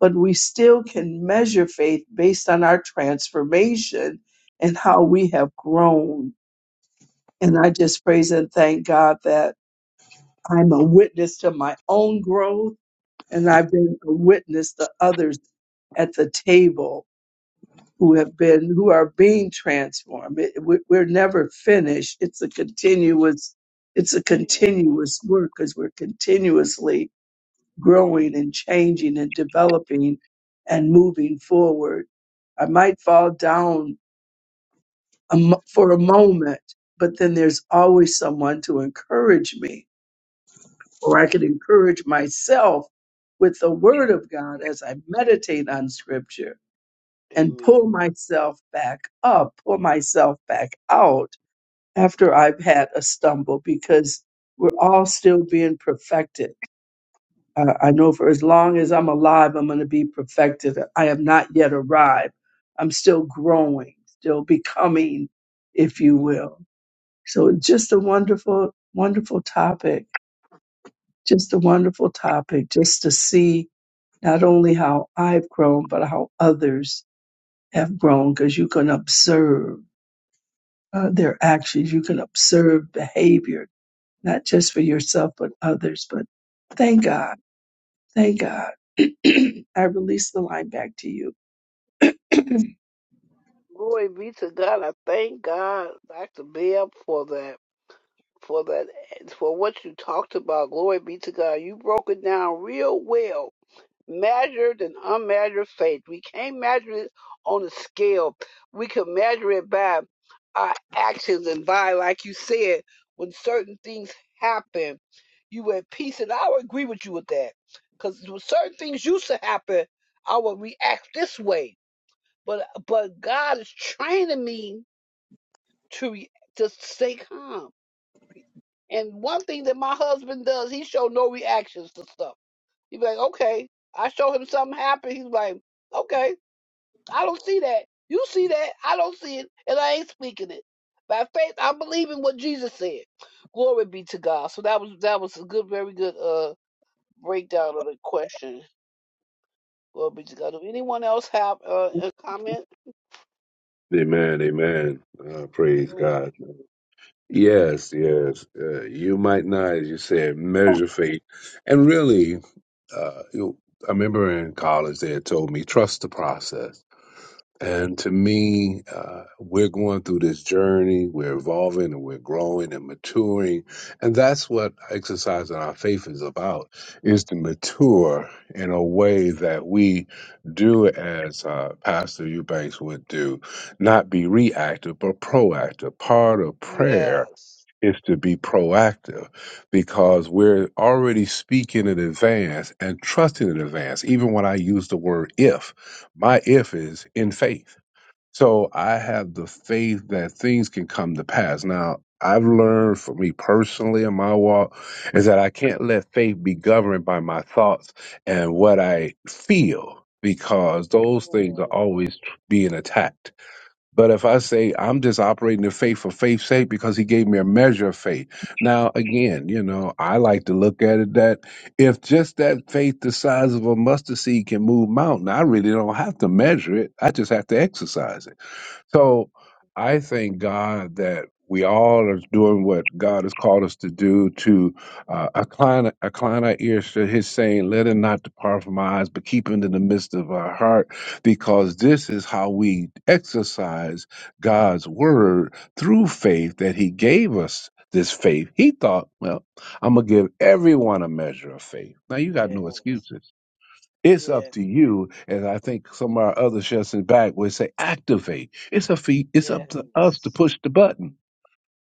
Speaker 4: but we still can measure faith based on our transformation and how we have grown. And I just praise and thank God that I'm a witness to my own growth, and I've been a witness to others at the table who have been who are being transformed It- we- we're never finished it's a continuous it's a
Speaker 2: Amen.
Speaker 4: continuous work because we're continuously growing and changing and developing and moving forward i might fall down a mo- for a moment but then there's always someone to encourage me or i can encourage myself with the word of god as i meditate on scripture and
Speaker 2: Amen.
Speaker 4: pull myself back up, pull myself back out after I've had a stumble because we're all still being perfected. Uh, I know for as long as I'm alive, I'm going to be perfected. I have not yet arrived. I'm still growing, still becoming, if you will. So it's just a wonderful, wonderful topic. Just a wonderful topic just to see not only how I've grown, but how others have grown because you can observe uh, their actions. You can observe behavior, not just for yourself, but others. But thank God. Thank God. I release the line back to you.
Speaker 2: Glory be to God. I thank God, Dr. Bell, for that. For that, for what you talked about, glory be to God. You broke it down real well measured and unmeasured faith. We can't measure it on a scale. We can measure it by our actions and by, like you said, when certain things happen, you were at peace. And I would agree with you with that. Because certain things used to happen, I would react this way. But but God is training me to re- to stay calm. And one thing that my husband does, he show no reactions to stuff. He'd be like, okay. I show him something happen. He's like, okay, I don't see that. You see that. I don't see it. And I ain't speaking it. By faith, I'm believing what Jesus said. Glory be to God. So that was that was a good, very good uh breakdown of the question. Glory be to God. Do anyone else have uh, a comment?
Speaker 5: Amen, amen. Uh, praise
Speaker 2: Amen.
Speaker 5: God. Yes, yes. Uh, you might not, as you said, measure faith. And really, uh, you know, I remember in college they had told me trust the process. And to me, uh, we're going through this journey, we're evolving and we're growing and maturing. And that's what exercising our faith is about, is to mature in a way that we do as uh, Pastor Eubanks would do, not be reactive, but proactive. Part of prayer
Speaker 2: Yes.
Speaker 5: is to be proactive because we're already speaking in advance and trusting in advance. Even when I use the word if, my if is in faith so I have the faith that things can come to pass. Now, I've learned for me personally in my walk is that I can't let faith be governed by my thoughts and what I feel because those things are
Speaker 2: Ooh,
Speaker 5: always being attacked. But if I say I'm just operating in faith for faith's sake because he gave me a measure of faith. Now, again, you know, I like to look at it that if just that faith the size of a mustard seed can move mountain, I really don't have to measure it. I just have to exercise it. So I thank God that we all are doing what God has called us to do to uh, incline, incline our ears to his saying, let it not depart from our eyes, but keep it in the midst of our heart, because this is how we exercise God's word through faith that he gave us this faith. He thought, well, I'm going to give everyone a measure of faith. Now you got no
Speaker 2: Yes.
Speaker 5: excuses. It's up
Speaker 2: Yes.
Speaker 5: to you. And I think some of our other shots in the back would say activate. It's a fee. It's
Speaker 2: Yes.
Speaker 5: up to us to push the button.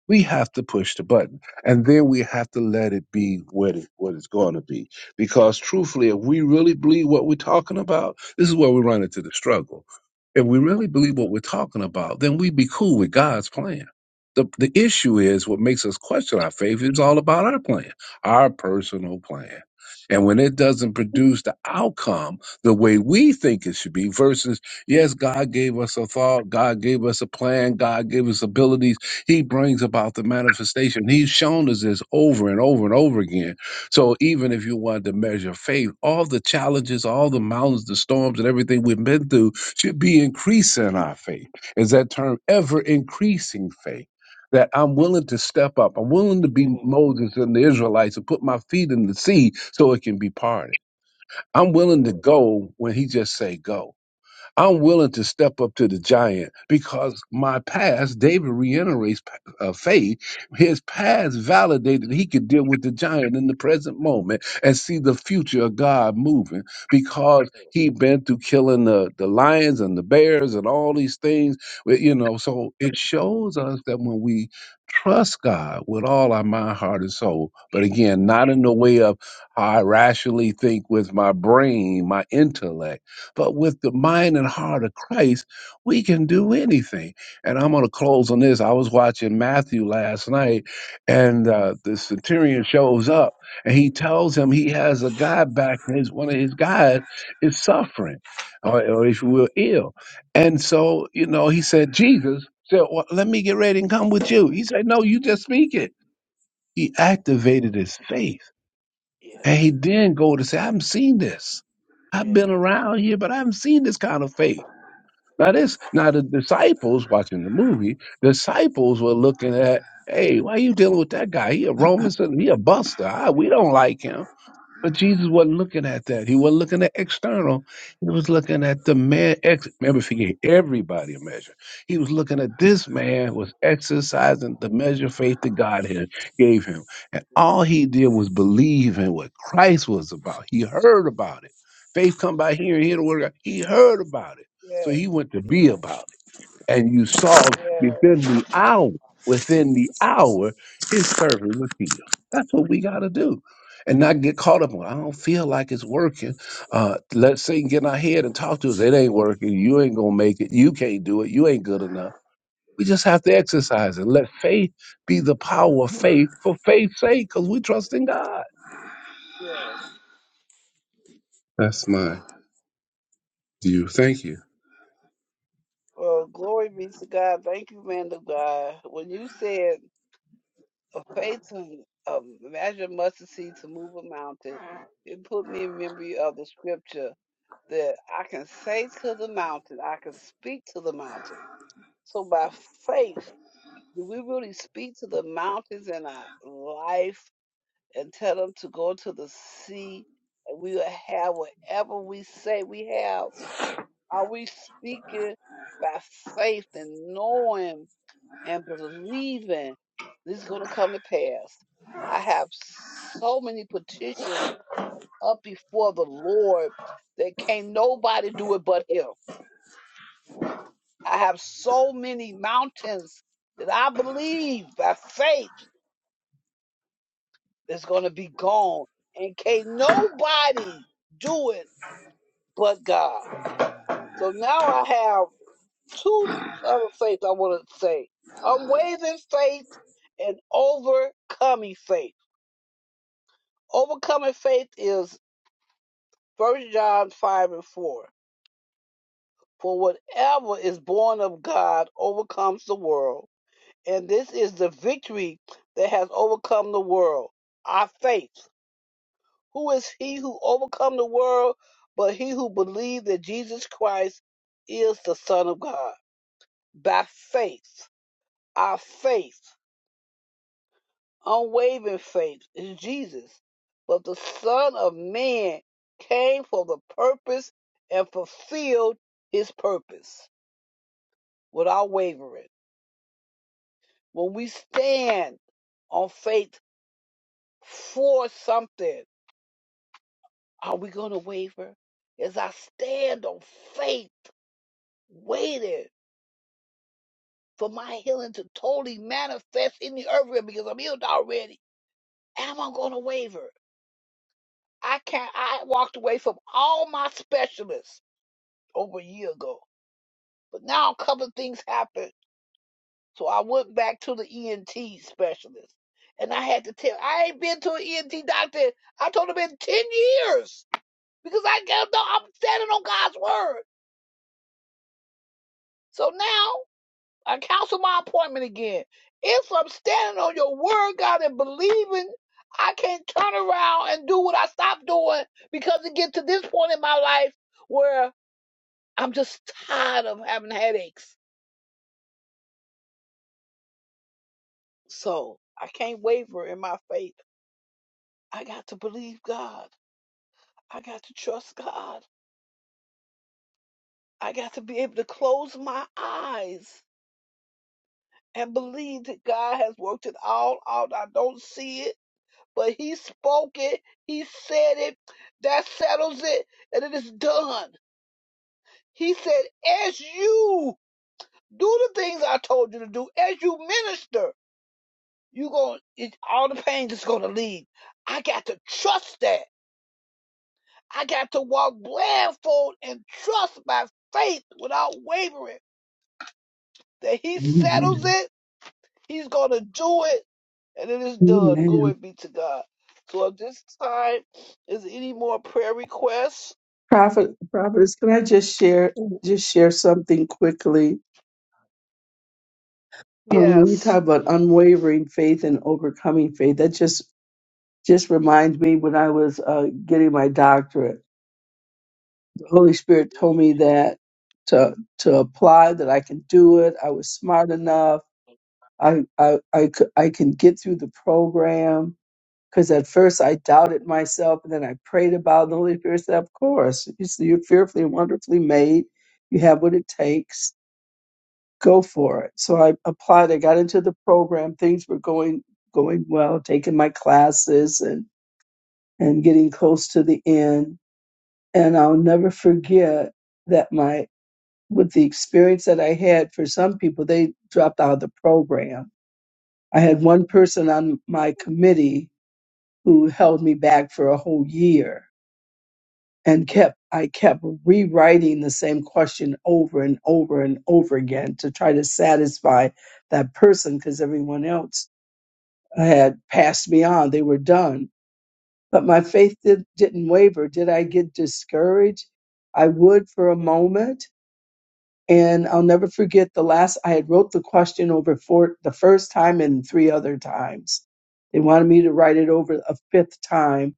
Speaker 5: We have to push the button. And then we have to let it be what, it, what it's going to be. Because truthfully, if we really believe what we're talking about, this is where we run into the struggle. If we really believe what we're talking about, then we'd be cool with God's plan. The, the issue is what makes us question our faith is all about our plan, our personal plan. And when it doesn't produce the outcome the way we think it should be, versus, yes, God gave us a thought, God gave us a plan, God gave us abilities he brings about the manifestation. He's shown us this over and over and over again. So even if you wanted to measure faith, all the challenges, all the mountains, the storms, and everything we've been through should be increasing our faith. Is that term ever increasing faith? That I'm willing to step up. I'm willing to
Speaker 2: Yes.
Speaker 5: be Moses and the Israelites and put my feet in the sea so it can be parted. I'm
Speaker 2: Yes.
Speaker 5: willing to go when he just say go. I'm willing to step up to the giant because my past, David reiterates uh, faith. His past validated he could deal with the giant in the present moment and see the future of God moving because he'd been through killing the, the lions and the bears and all these things. Well, You know, so it shows us that when we trust God with all our mind, heart, and soul, but again, not in the way of how I rationally think with my brain, my intellect but with the mind and heart of Christ, we can do anything. And I'm going to close on this. I was watching Matthew last night, and uh, the centurion shows up, and he tells him he has a guy back, and his one of his guys is suffering, or, or if you will, ill. And so, you know, he said, Jesus said, well, "Let me get ready and come with you." He said, "No, you just speak it." He activated his faith
Speaker 2: Yes.
Speaker 5: and he then go to say, I haven't seen this. I've
Speaker 2: Yes.
Speaker 5: been around here, but I haven't seen this kind of faith. Now this, now the disciples watching the movie, disciples were looking at, hey, why are you dealing with that guy? He a Roman citizen, he a buster. Ah, we don't like him. But Jesus wasn't looking at that. He wasn't looking at external. He was looking at the man. Ex- Remember, if he gave everybody a measure, he was looking at this man was exercising the measure of faith that God had gave him, and all he did was believe in what Christ was about. He heard about it. Faith come by hearing, hear the word of God. He heard about it, so
Speaker 2: Yes.
Speaker 5: he went to
Speaker 2: Yes.
Speaker 5: be about it. And you saw
Speaker 2: Yes.
Speaker 5: within the hour, within the hour, his servant was healed. That's what we got to do. And not get caught up on, I don't feel like it's working. Uh, let Satan get in our head and talk to us. It ain't
Speaker 2: Oh,
Speaker 5: working. You ain't going to make it. You can't do it. You ain't good enough. We just have to exercise it. Let faith be the power of faith for faith's sake because we trust in God.
Speaker 2: yeah.
Speaker 5: That's my view. Thank you.
Speaker 2: Well, glory be to God. Thank you, man of God. When you said a faith to a measure of mustard seed to move a mountain, it put me in memory of the scripture that I can say to the mountain, I can speak to the mountain. So by faith, do we really speak to the mountains in our life and tell them to go to the sea? And we will have whatever we say we have. Are we speaking by faith and knowing and believing this is going to come to pass? I have so many petitions up before the Lord that can't nobody do it but Him. I have so many mountains that I believe by faith is going to be gone, and can't nobody do it but God. So now I have. two other faiths I want to say unwavering faith and overcoming faith. Overcoming faith is First John 5 and 4. For whatever is born of God overcomes the world. And this is the victory that has overcome the world, our faith. Who is he who overcome the world but he who believed that Jesus Christ is the Son of God? By faith, our faith. unwavering faith is Jesus. But the Son of Man came for the purpose and fulfilled his purpose without wavering. When we stand on faith for something, are we going to waver? As I stand on faith, waiting for my healing to totally manifest in the earth realm because I'm healed already, am I going to waver? I can't. I walked away from all my specialists over a year ago. But now a couple of things happened, so I went back to the ENT specialist, and I had to tell I ain't been to an ENT doctor. I told him in ten years because I got no. I'm standing on God's word. So now I cancel my appointment again. If I'm standing on your word, God, and believing, I can't turn around and do what I stopped doing because it get to this point in my life where I'm just tired of having headaches. So I can't waver in my faith. I got to believe God. I got to trust God. I got to be able to close my eyes and believe that God has worked it all out. I don't see it, but He spoke it. He said it. That settles it, and it is done. He said, as you do the things I told you to do, as you minister, you going all the pain is gonna leave. I got to trust that. I got to walk blindfold and trust by faith without wavering that he settles
Speaker 4: Amen.
Speaker 2: it, he's going to do it, and it is done. Glory
Speaker 4: Amen.
Speaker 2: be to God. So at this time, is there any more prayer requests?
Speaker 4: Prophet, prophets, can I just share
Speaker 6: Amen.
Speaker 4: just share something quickly? Um, when you talk
Speaker 2: Yes.
Speaker 4: about unwavering faith and overcoming faith, that just just reminds me when I was uh, getting my doctorate, the Holy Spirit told me that to to apply that I can do it. I was smart enough I, I, I, c- I can get through the program because at first I doubted myself and then I prayed about it. The Holy Spirit said, Of course, you see, you're fearfully and wonderfully made. You have what it takes. Go for it. So I applied. I got into the program. Things were going going well, taking my classes and, and getting close to the end. And I'll never forget that my with the experience that I had for some people, they dropped out of the program I had one person on my committee who held me back for a whole year and kept I kept rewriting the same question over and over and over again to try to satisfy that person because everyone else had passed me on. They were done. But my faith did, didn't waver. Did I get discouraged? I would for a moment, and I'll never forget the last I had wrote the question over for the first time and three other times. They wanted me to write it over a fifth time,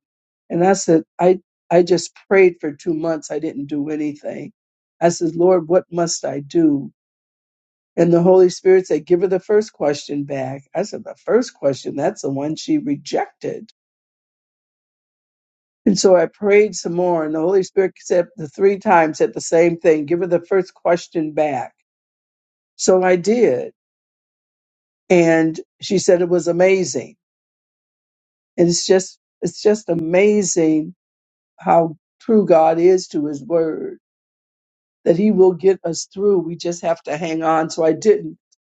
Speaker 4: and I said, I I just prayed for two months. I didn't do anything. I said, Lord, what must I do? And the Holy Spirit said, Give her the first question back. I said, The first question, that's the one she rejected. And so I prayed some more, and the Holy Spirit said the three times said the same thing. Give her the first question back. So I did. and she said it was amazing and it's just it's just amazing how true god is to his word that he will get us through we just have to hang on so i didn't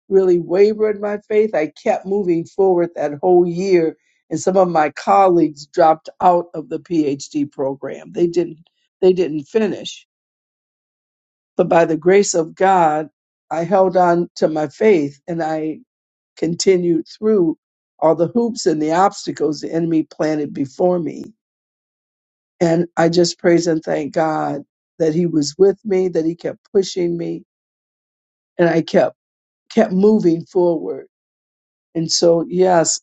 Speaker 4: really waver in my faith i kept moving forward that whole year and some of my colleagues dropped out of the phd program they didn't they didn't finish but by the grace of god i held on to my faith and i continued through all the hoops and the obstacles the enemy planted before me. And I just praise and thank God that he was with me, that he kept pushing me and I kept, kept moving forward. And so, yes,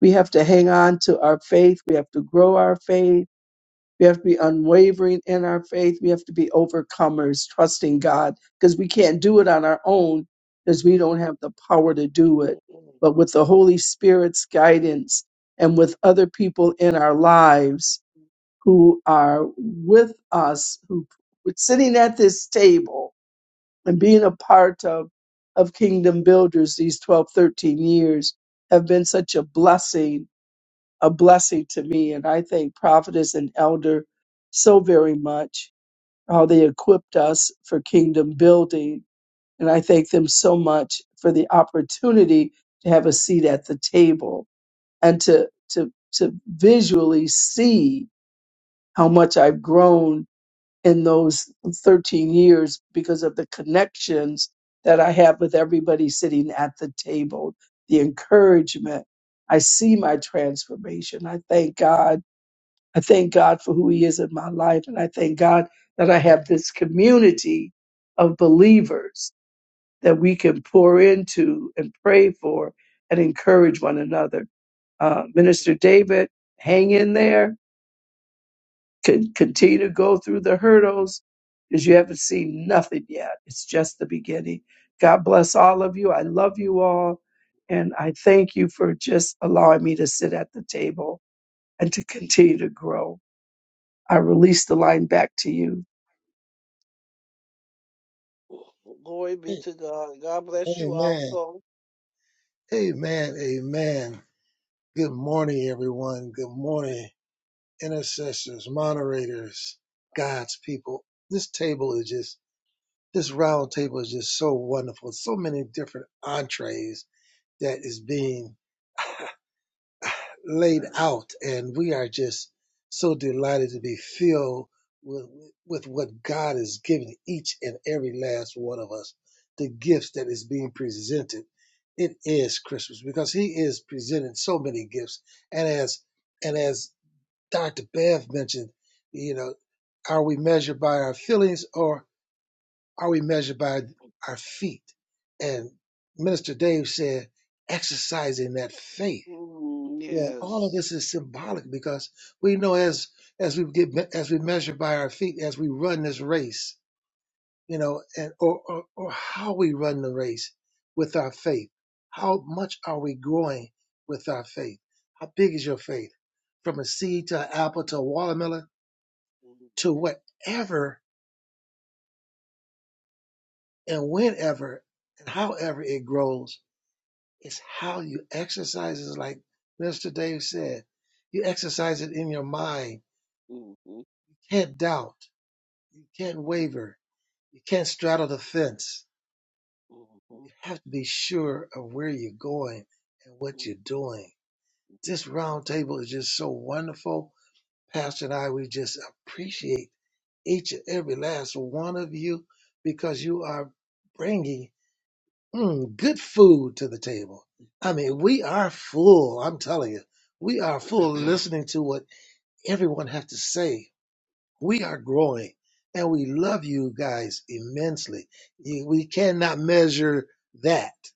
Speaker 4: we have to hang on to our faith. We have to grow our faith We have to be unwavering in our faith. We have to be overcomers, trusting God, because we can't do it on our own because we don't have the power to do it. But with the Holy Spirit's guidance and with other people in our lives who are with us, who are sitting at this table and being a part of, of Kingdom Builders these 12, 13 years, have been such a blessing a blessing to me. And I thank prophetess and elder so very much, how they equipped us for kingdom building. And I thank them so much for the opportunity to have a seat at the table and to, to, to visually see how much I've grown in those 13 years because of the connections that I have with everybody sitting at the table, the encouragement. I see my transformation. I thank God I thank God for who He is in my life. And I thank God that I have this community of believers that we can pour into and pray for and encourage one another. Uh, Minister David, hang in there. Con- continue to go through the hurdles because you haven't seen nothing yet. It's just the beginning. God bless all of you. I love you all. And I thank you for just allowing me to sit at the table and to continue to grow. I release the line back to you.
Speaker 2: Glory be to God. God bless you also.
Speaker 6: Amen. Amen. Good morning, everyone. Good morning, intercessors, moderators, God's people. This table is just, this round table is just so wonderful. So many different entrees that is being laid out, and we are just so delighted to be filled with, with what God is giving each and every last one of us, the gifts that is being presented. It is Christmas because He is presenting so many gifts, and as and as Dr. Bev mentioned, you know, are we measured by our feelings or are we measured by our feet? And Minister Dave said, exercising that faith.
Speaker 2: Mm,
Speaker 6: Well, all of
Speaker 2: Yes.
Speaker 6: this is symbolic because we know as as we get me- as we measure by our feet as we run this race, you know, and or or, or how we run the race with our faith. How much are we growing with our faith? How big is your faith? From a seed to an apple to a watermelon to whatever and whenever and however it grows, it's how you exercise it. Like Mr. Dave said, you exercise it in your mind. You can't doubt You can't waver. You can't straddle the fence. You have to be sure of where you're going and what you're doing. This round table is just so wonderful. Pastor and I, we just appreciate each and every last one of you because you are bringing mm, good food to the table. I mean, we are full. I'm telling you, we are full listening to what everyone has to say We are growing and we love you guys immensely. You- We cannot measure that.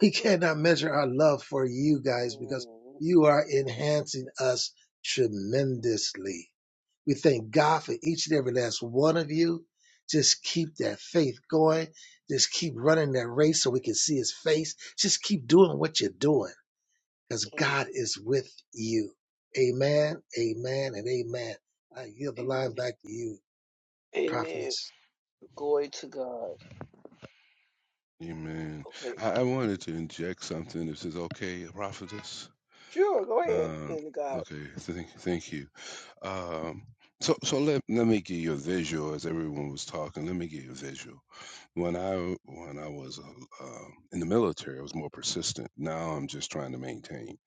Speaker 6: We cannot measure our love for you guys because
Speaker 2: Amen.
Speaker 6: you are enhancing us tremendously. We thank God for each and every last one of you. Just keep that faith going. Just keep running that race so we can see his face. Just keep doing what you're doing because God is with you. Amen, amen, and amen. I yield the line back to you,
Speaker 2: Amen.
Speaker 6: travelers
Speaker 2: Glory to God.
Speaker 5: Amen.
Speaker 2: Okay.
Speaker 5: I, I wanted to inject something. This is okay, prophetess.
Speaker 2: Sure, go ahead,
Speaker 5: Um,
Speaker 2: man of God.
Speaker 5: okay, thank, thank you. Um, so, so let let me give you a visual. As everyone was talking, let me give you a visual. When I when I was uh, um, in the military, I was more persistent. Now I'm just trying to maintain.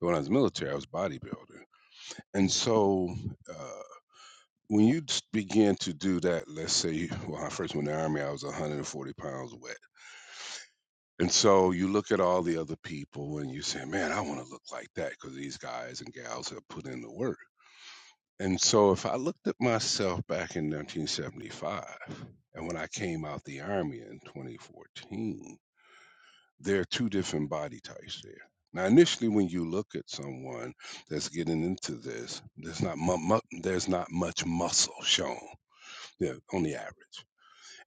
Speaker 5: But when I was military, I was bodybuilder, and so. Uh, when you s- begin to do that, let's say, well, I first went in the army, I was 140 pounds wet. And so you look at all the other people and you say, man, I want to look like that because these guys and gals have put in the work. And so if I looked at myself back in 1975 and when I came out the army in 2014, there are two different body types there. Now, initially, when you look at someone that's getting into this, there's not mu- mu- there's not much muscle shown yeah, on the average,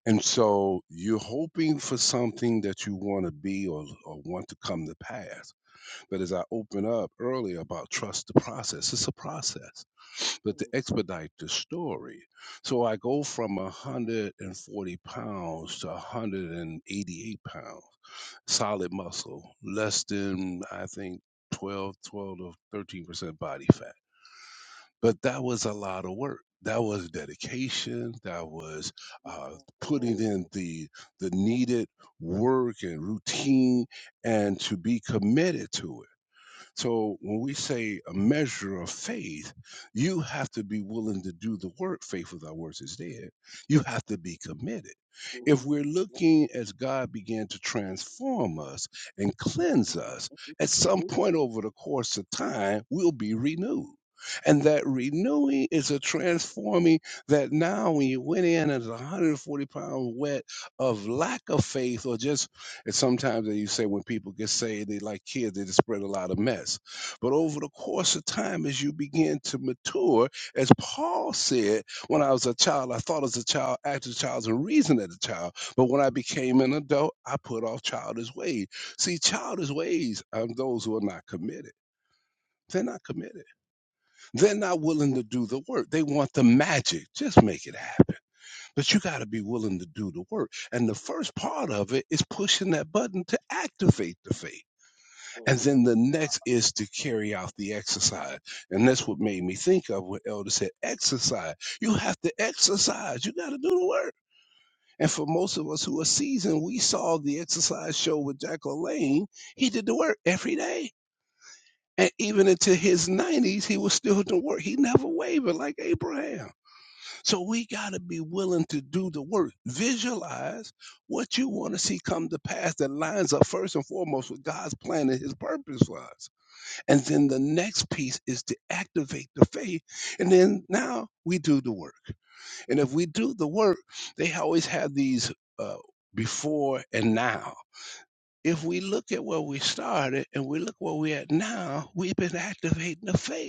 Speaker 5: and so you're hoping for something that you want to be or, or want to come to pass. But as I opened up earlier about trust the process, it's a process but to expedite the story. So I go from 140 pounds to 188 pounds, solid muscle, less than, I think, twelve, twelve 12 to 13% body fat. But that was a lot of work. That was dedication. That was uh, putting in the the needed work and routine, and to be committed to it. So when we say a measure of faith, you have to be willing to do the work. Faith without works is dead. You have to be committed. If we're looking as God began to transform us and cleanse us, at some point over the course of time, we'll be renewed. And that renewing is a transforming that now when you went in as a 140 pound wet of lack of faith or just and sometimes, as you say, when people get saved, they like kids, they just spread a lot of mess. But over the course of time, as you begin to mature, as Paul said, when I was a child, I thought as a child, acted as a child, and reasoned as a child. But when I became an adult, I put off childish ways. See, childish ways are those who are not committed. They're not committed. They're not willing to do the work. They want the magic. Just make it happen. But you got to be willing to do the work. And the first part of it is pushing that button to activate the faith. And then the next is to carry out the exercise. And that's what made me think of what Elder said exercise. You have to exercise, you got to do the work. And for most of us who are seasoned, we saw the exercise show with Jack Lane. He did the work every day. And even into his 90s, he was still doing work. He never wavered like Abraham. So we got to be willing to do the work. Visualize what you want to see come to pass that lines up first and foremost with God's plan and his purpose for us. And then the next piece is to activate the faith. And then now we do the work. And if we do the work, they always have these uh, before and now. If we look at where we started and we look where we're at now, we've been activating the faith.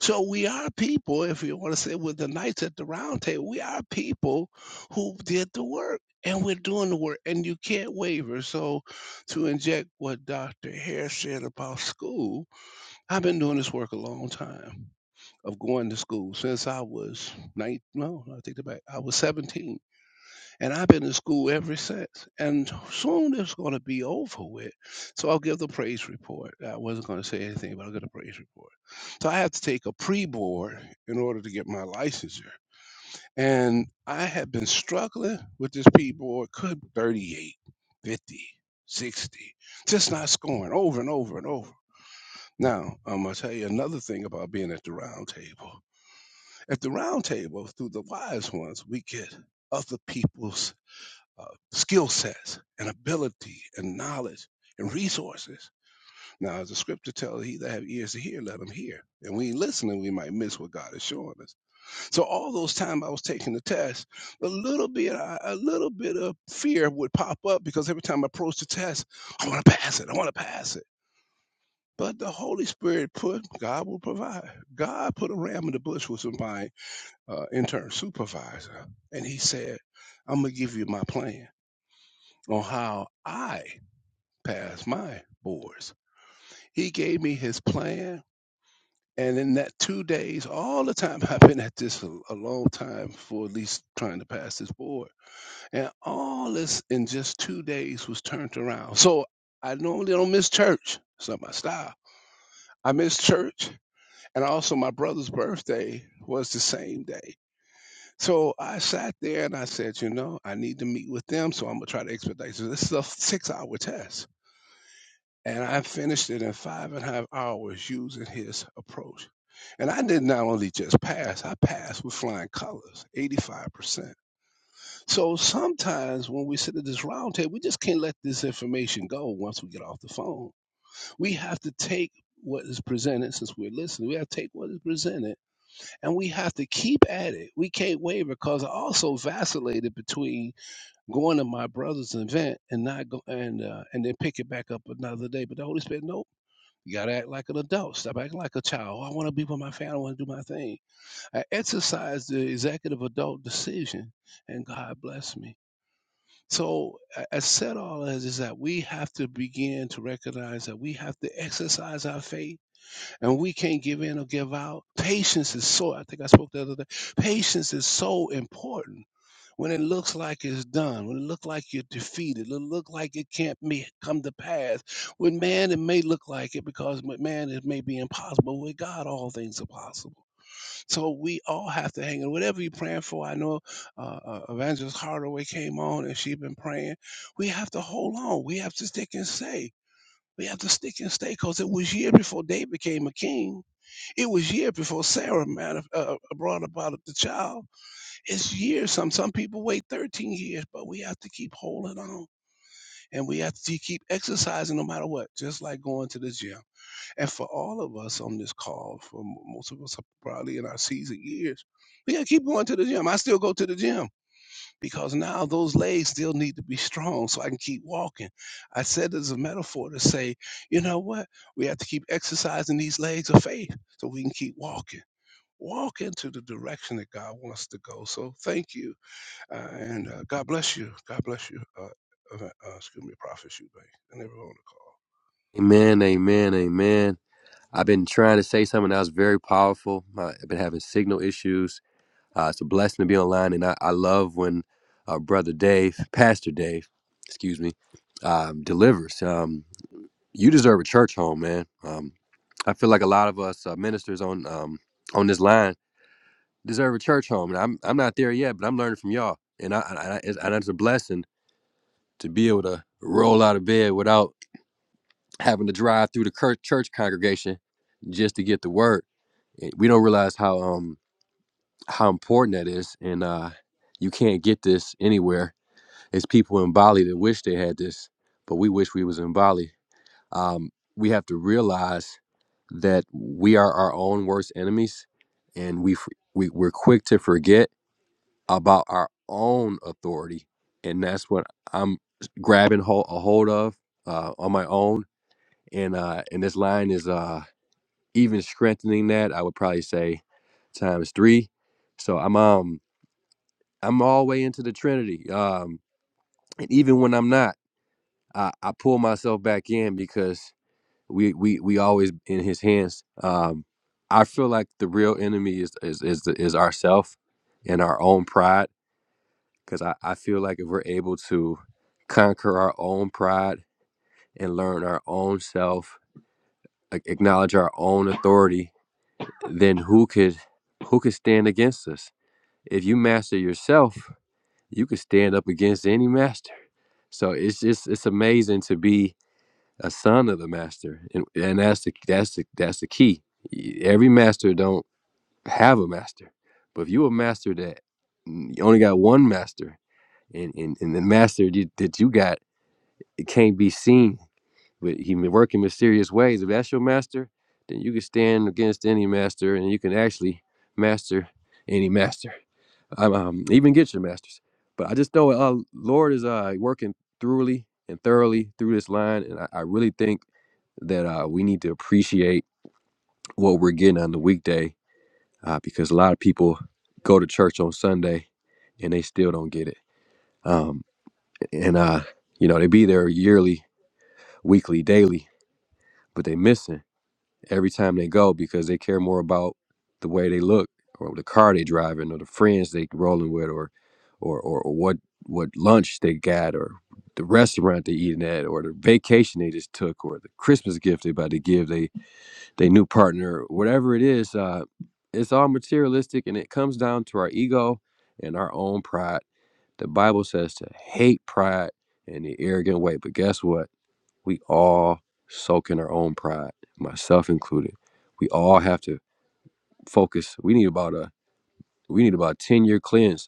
Speaker 5: So we are people, if you want to say with the knights at the round table, we are people who did the work and we're doing the work and you can't waver. So to inject what Dr. Hare said about school, I've been doing this work a long time of going to school since I was nine no, no, I think about I was 17. And I've been to school ever since. And soon it's going to be over with. So I'll give the praise report. I wasn't going to say anything, but I'll give the praise report. So I had to take a pre board in order to get my licensure. And I had been struggling with this pre board, could 38, 50, sixty, just not scoring over and over and over. Now, I'm going to tell you another thing about being at the round table. At the round table, through the wise ones, we get other people's uh, skill sets and ability and knowledge and resources. Now, as the scripture tells, he that have ears to hear, let him hear. And we ain't listening, we might miss what God is showing us. So all those time I was taking the test, a little bit, a little bit of fear would pop up because every time I approached the test, I want to pass it, I want to pass it. But the Holy Spirit put, God will provide. God put a ram in the bush with my uh, intern supervisor, and he said, "I'm gonna give you my plan on how I." Pass my boards. He gave me his plan. And in that two days, all the time I've been at this a, a long time for at least trying to pass this board. And all this in just two days was turned around. So I normally don't miss church. It's not my style. I miss church. And also my brother's birthday was the same day. So I sat there and I said, you know, I need to meet with them. So I'm going to try to expedite. So this is a six hour test. And I finished it in five and a half hours using his approach. And I did not only just pass, I passed with flying colors, 85%. So sometimes when we sit at this round table, we just can't let this information go once we get off the phone. We have to take what is presented since we're listening. We have to take what is presented and we have to keep at it. We can't waver because I also vacillated between going to my brother's event and not go and uh, and then pick it back up another day. But the Holy Spirit, no you gotta act like an adult. Stop acting like a child. "Oh, I want to be with my family. I want to do my thing. I exercised the executive adult decision, and God bless me. So I I said all this is that we have to begin to recognize that we have to exercise our faith, and we can't give in or give out. Patience is so. I think I spoke the other day. Patience is so important when it looks like it's done, when it looks like you're defeated, it look like it can't me come to pass. With man, it may look like it because with man, it may be impossible. With God, all things are possible. So we all have to hang in. Whatever you're praying for, I know uh, uh, Evangelist Hardaway came on and she has been praying. We have to hold on. We have to stick and stay. We have to stick and stay because it was year before David became a king. It was year before Sarah manif- uh, uh, brought about the child it's years. Some some people wait 13 years, but we have to keep holding on and we have to keep exercising no matter what, just like going to the gym. And for all of us on this call, for m- most of us are probably in our season years, we gotta keep going to the gym. I still go to the gym because now those legs still need to be strong so I can keep walking. I said this as a metaphor to say, you know what? We have to keep exercising these legs of faith so we can keep walking. Walk into the direction that God wants to go. So thank you uh, and uh, God bless you. God bless you. Uh, uh, uh, excuse me, Prophet Shubay, and everyone on
Speaker 7: Amen, amen, amen. I've been trying to say something that was very powerful. Uh, I've been having signal issues. Uh, it's a blessing to be online, and I, I love when uh, Brother Dave, Pastor Dave, excuse me, um, delivers. Um, you deserve a church home, man. Um, I feel like a lot of us uh, ministers on um, on this line deserve a church home, and I'm I'm not there yet, but I'm learning from y'all, and I, I, I it's, and it's a blessing to be able to roll out of bed without having to drive through the church, congregation just to get the word. Eh, We don't realize how um how important that is, and uh, you can't get this anywhere. It's people in Bali that wish they had this, but we wish we was in Bali. Um, we have to realize that we are our own worst enemies, and we, f- we we're quick to forget about our own authority, and that's what I'm grabbing hold, a hold of uh, on my own. And uh, and this line is uh, even strengthening that, I would probably say times three. So I'm um I'm all way into the Trinity. Um, and even when I'm not, I, I pull myself back in because we we we always in His hands. Um, I feel like the real enemy is is is the, is ourself and our own pride. Because I, I feel like if we're able to conquer our own pride and learn our own self, ac- acknowledge our own authority, then who could who could stand against us? if you master yourself, you can stand up against any master. So it's just it's amazing to be a son of the master, and and that's the that's the that's the key. E, Every master don't have a master, but if you a master that mm, you only got one master, and and, and the master you, that you got it can't be seen, but he may work in mysterious ways. If that's your master, then you can stand against any master, and you can actually master any master um, um, even get your master's. But I just know uh, Lord is uh, working thoroughly and thoroughly through this line, and I, I really think that uh, we need to appreciate what we're getting on the weekday uh, because a lot of people go to church on Sunday and they still don't get it. Um, and uh, you know they be there yearly, weekly, daily, but they missing. every time they go because they care more about the way they look or the car they driving or the friends they rolling with or or or, or what what lunch they got or the restaurant they eating at or the vacation they just took or the Christmas gift they about to give they they new partner whatever it is uh it's all materialistic and it comes down to our ego and our own pride the bible says to hate pride and the arrogant way but guess what we all soak in our own pride, myself included. We all have to focus. We need about a we need about a 10 year cleanse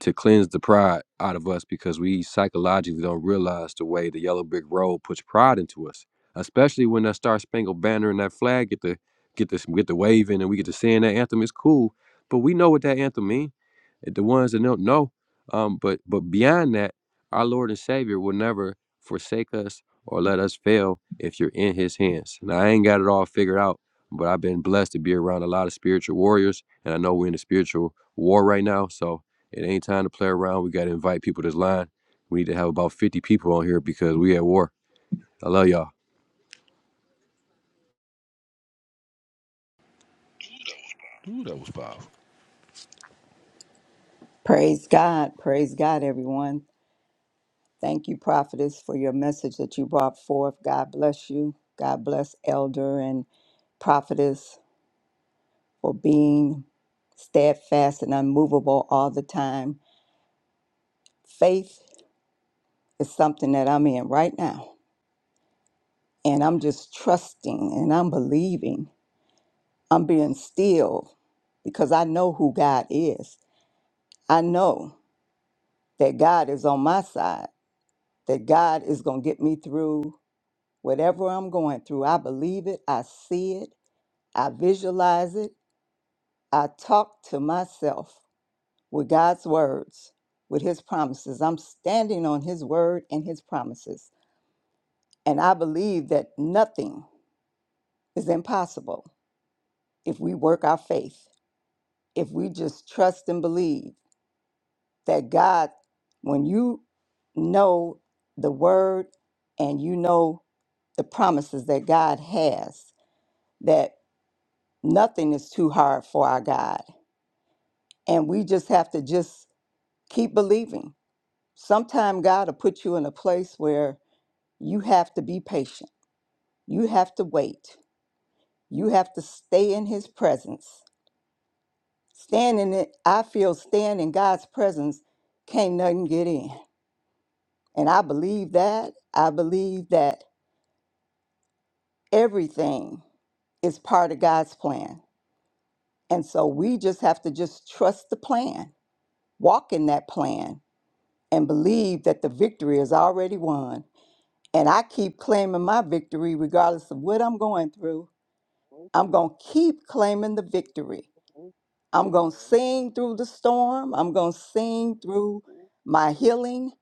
Speaker 7: to cleanse the pride out of us because we psychologically don't realize the way the yellow brick road puts pride into us, especially when that Star Spangled Banner and that flag get the get this get the waving and we get to sing that anthem. It's cool, but we know what that anthem means. The ones that don't know, um, but but beyond that, our Lord and Savior will never forsake us or let us fail if you're in His hands. Now I ain't got it all figured out, but I've been blessed to be around a lot of spiritual warriors, and I know we're in a spiritual war right now, so. It ain't time to play around. We got to invite people to this line. We need to have about 50 people on here because we at war. I love y'all.
Speaker 5: the call. Ooh, that was powerful.
Speaker 8: Praise God. Praise God, everyone. Thank you, prophetess, for your message that you brought forth. God bless you. God bless elder and prophetess for being steadfast and unmovable all the time. Faith is something that I'm in right now. And I'm just trusting and I'm believing. I'm being still because I know who God is. I know that God is on my side, that God is going to get me through Whatever I'm going through, I believe it, I see it, I visualize it, I talk to myself with God's words, with His promises. I'm standing on His word and His promises. And I believe that nothing is impossible if we work our faith, if we just trust and believe that God, when you know the word and you know the promises that God has, that nothing is too hard for our God. and we just have to just keep believing. Sometime God will put you in a place where you have to be patient. You have to wait. You have to stay in His presence. Stand in it, I feel stand in God's presence, can't nothing get in. And I believe that. I believe that everything is part of God's plan. And so we just have to just trust the plan, walk in that plan, and believe that the victory is already won And I keep claiming my victory regardless of what I'm going through. I'm going to keep claiming the victory. I'm going to sing through the storm. I'm going to sing through my healing.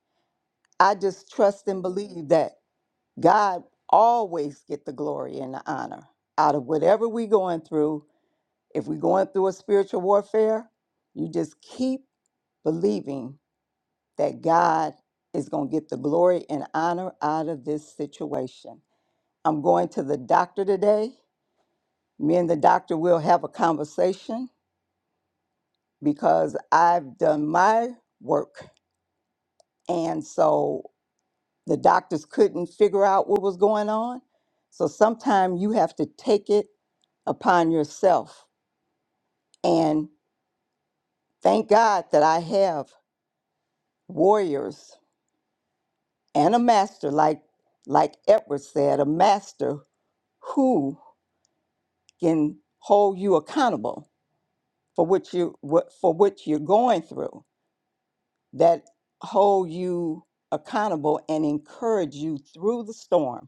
Speaker 8: I just trust and believe that God always get the glory and the honor out of whatever we going through. If we're going through a spiritual warfare, you just keep believing that God is going to get the glory and honor out of this situation. I'm going to the doctor today. Me and the doctor will have a conversation because I've done my work. And so the doctors couldn't figure out what was going on. So sometimes you have to take it upon yourself. And thank God that I have warriors and a master, like like Edward said, a master who can hold you accountable for what you what, for what you're going through that hold you accountable and encourage you through the storm.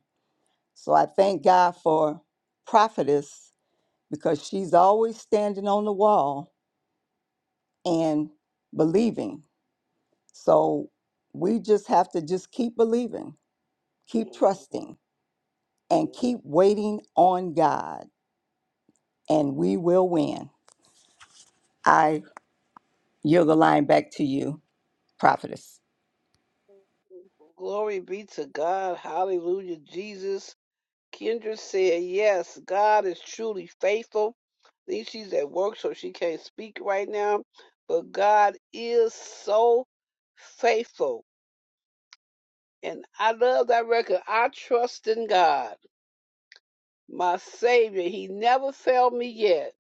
Speaker 8: So I thank God for prophetess because she's always standing on the wall and believing. So we just have to just keep believing, keep trusting, and keep waiting on God, and we will win. I yield the line back to you, prophetess.
Speaker 2: Glory be to God. Hallelujah, Jesus. Kendra said, Yes, God is truly faithful. I think she's at work, so she can't speak right now. But God is so faithful. And I love that record. I trust in God, my Savior. He never failed me yet.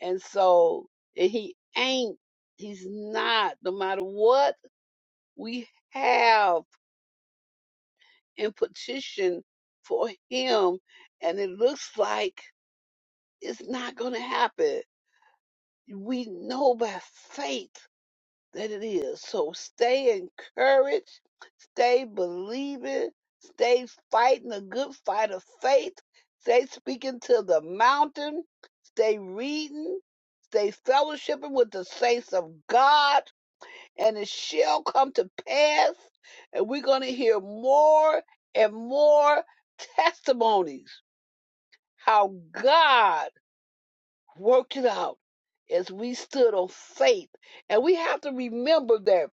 Speaker 2: And so, and He ain't, He's not, no matter what we have in petition for Him. And it looks like it's not going to happen we know by faith that it is. So stay encouraged, stay believing, stay fighting a good fight of faith, stay speaking to the mountain, stay reading, stay fellowshipping with the saints of God, and it shall come to pass. And we're going to hear more and more testimonies how God worked it out as we stood on faith. And we have to remember that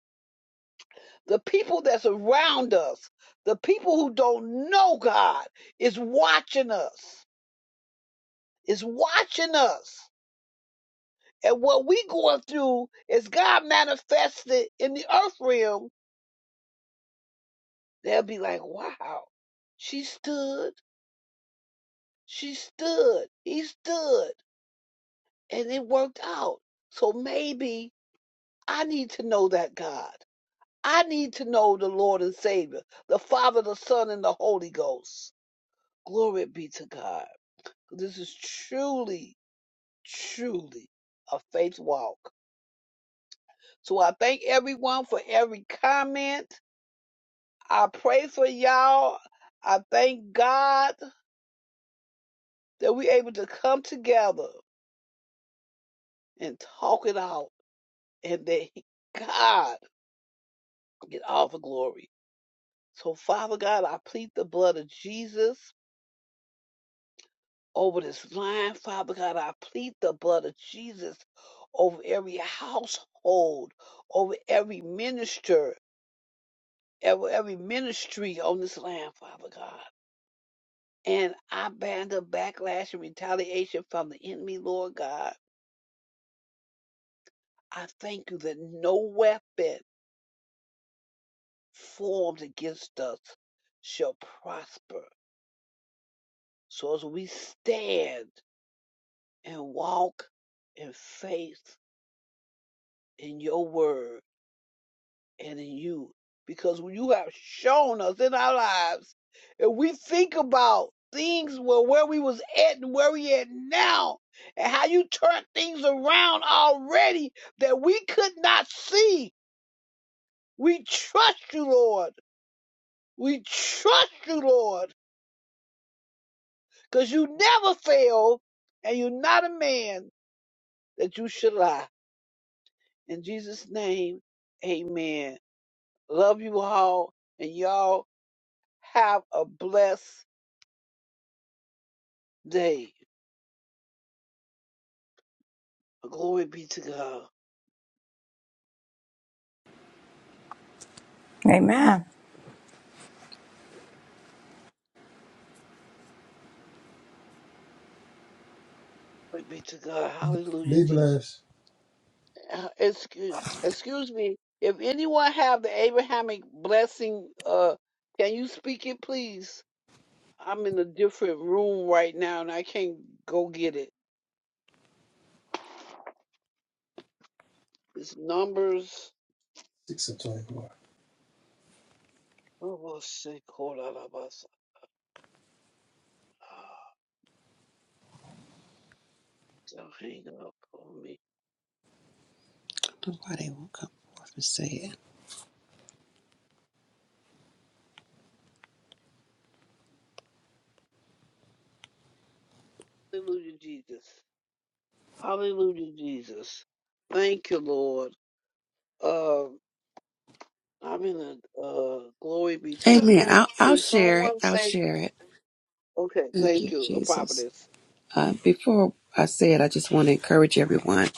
Speaker 2: the people that's around us, the people who don't know God, is watching us, is watching us. And what we going through is God manifested in the earth realm. They'll be like, wow, she stood, she stood, he stood, and it worked out. So maybe I need to know that God. I need to know the Lord and Savior, the Father, the Son, and the Holy Ghost. Glory be to God. This is truly, truly a faith walk. So I thank everyone for every comment. I pray for y'all. I thank God that we're able to come together and talk it out and that God get all the glory. So, Father God, I plead the blood of Jesus over this line, Father God. I plead the blood of Jesus over every household, over every minister, over every ministry on this land, Father God. And I ban the backlash and retaliation from the enemy, Lord God. I thank you that no weapon formed against us shall prosper. So as we stand and walk in faith in your word, and in you because you have shown us in our lives and we think about things where, where we was at and where we at now and how you turned things around already that we could not see we trust you lord we trust you lord because you never fail and you're not a man that you should lie in jesus name amen love you all and y'all have a blessed day Glory be to God.
Speaker 8: Amen.
Speaker 2: Glory be to God. Hallelujah, Jesus. Uh, Excuse, excuse me. If anyone have the Abrahamic blessing, uh, can you speak it, please? I'm in a different room right now, and I can't go get it. It's numbers. Oh, well, say, call out of us. Ah, Don't hang up on me.
Speaker 1: Nobody will come up and say it.
Speaker 2: Hallelujah, Jesus. Hallelujah, Jesus. Thank you, Lord. Um, I'm in a uh, glory be to God.
Speaker 1: Amen. I'll, I'll
Speaker 2: Can
Speaker 1: share it.
Speaker 2: someone
Speaker 1: I'll
Speaker 2: say,
Speaker 1: share it.
Speaker 2: okay,
Speaker 1: Thank
Speaker 2: thank
Speaker 1: you,
Speaker 2: you, a
Speaker 1: Jesus.
Speaker 2: prophetess.
Speaker 1: Uh, before I say it, I just want to encourage everyone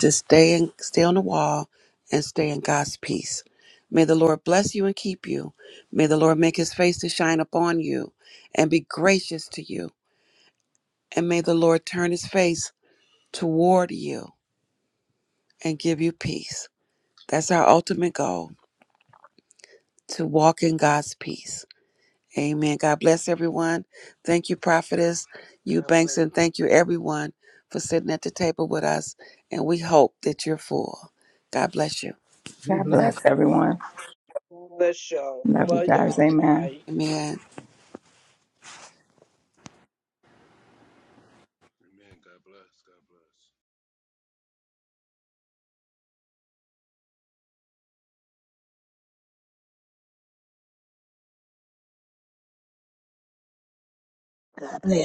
Speaker 1: to stay and stay on the wall and stay in God's peace. May the Lord bless you and keep you. May the Lord make his face to shine upon you and be gracious to you. And may the Lord turn his face toward you and give you peace. That's our ultimate goal to walk in God's peace. Amen. God bless everyone. Thank you, Prophetess, you
Speaker 2: God bless
Speaker 1: Banks, and thank you everyone for sitting at the table with us. And we hope that you're full. God bless you.
Speaker 8: God bless everyone.
Speaker 2: Bless y'all.
Speaker 8: Love you
Speaker 2: Love
Speaker 8: guys.
Speaker 2: y'all.
Speaker 8: Amen.
Speaker 2: Bye.
Speaker 1: Amen.
Speaker 5: Amen. God bless. God bless.
Speaker 3: God bless.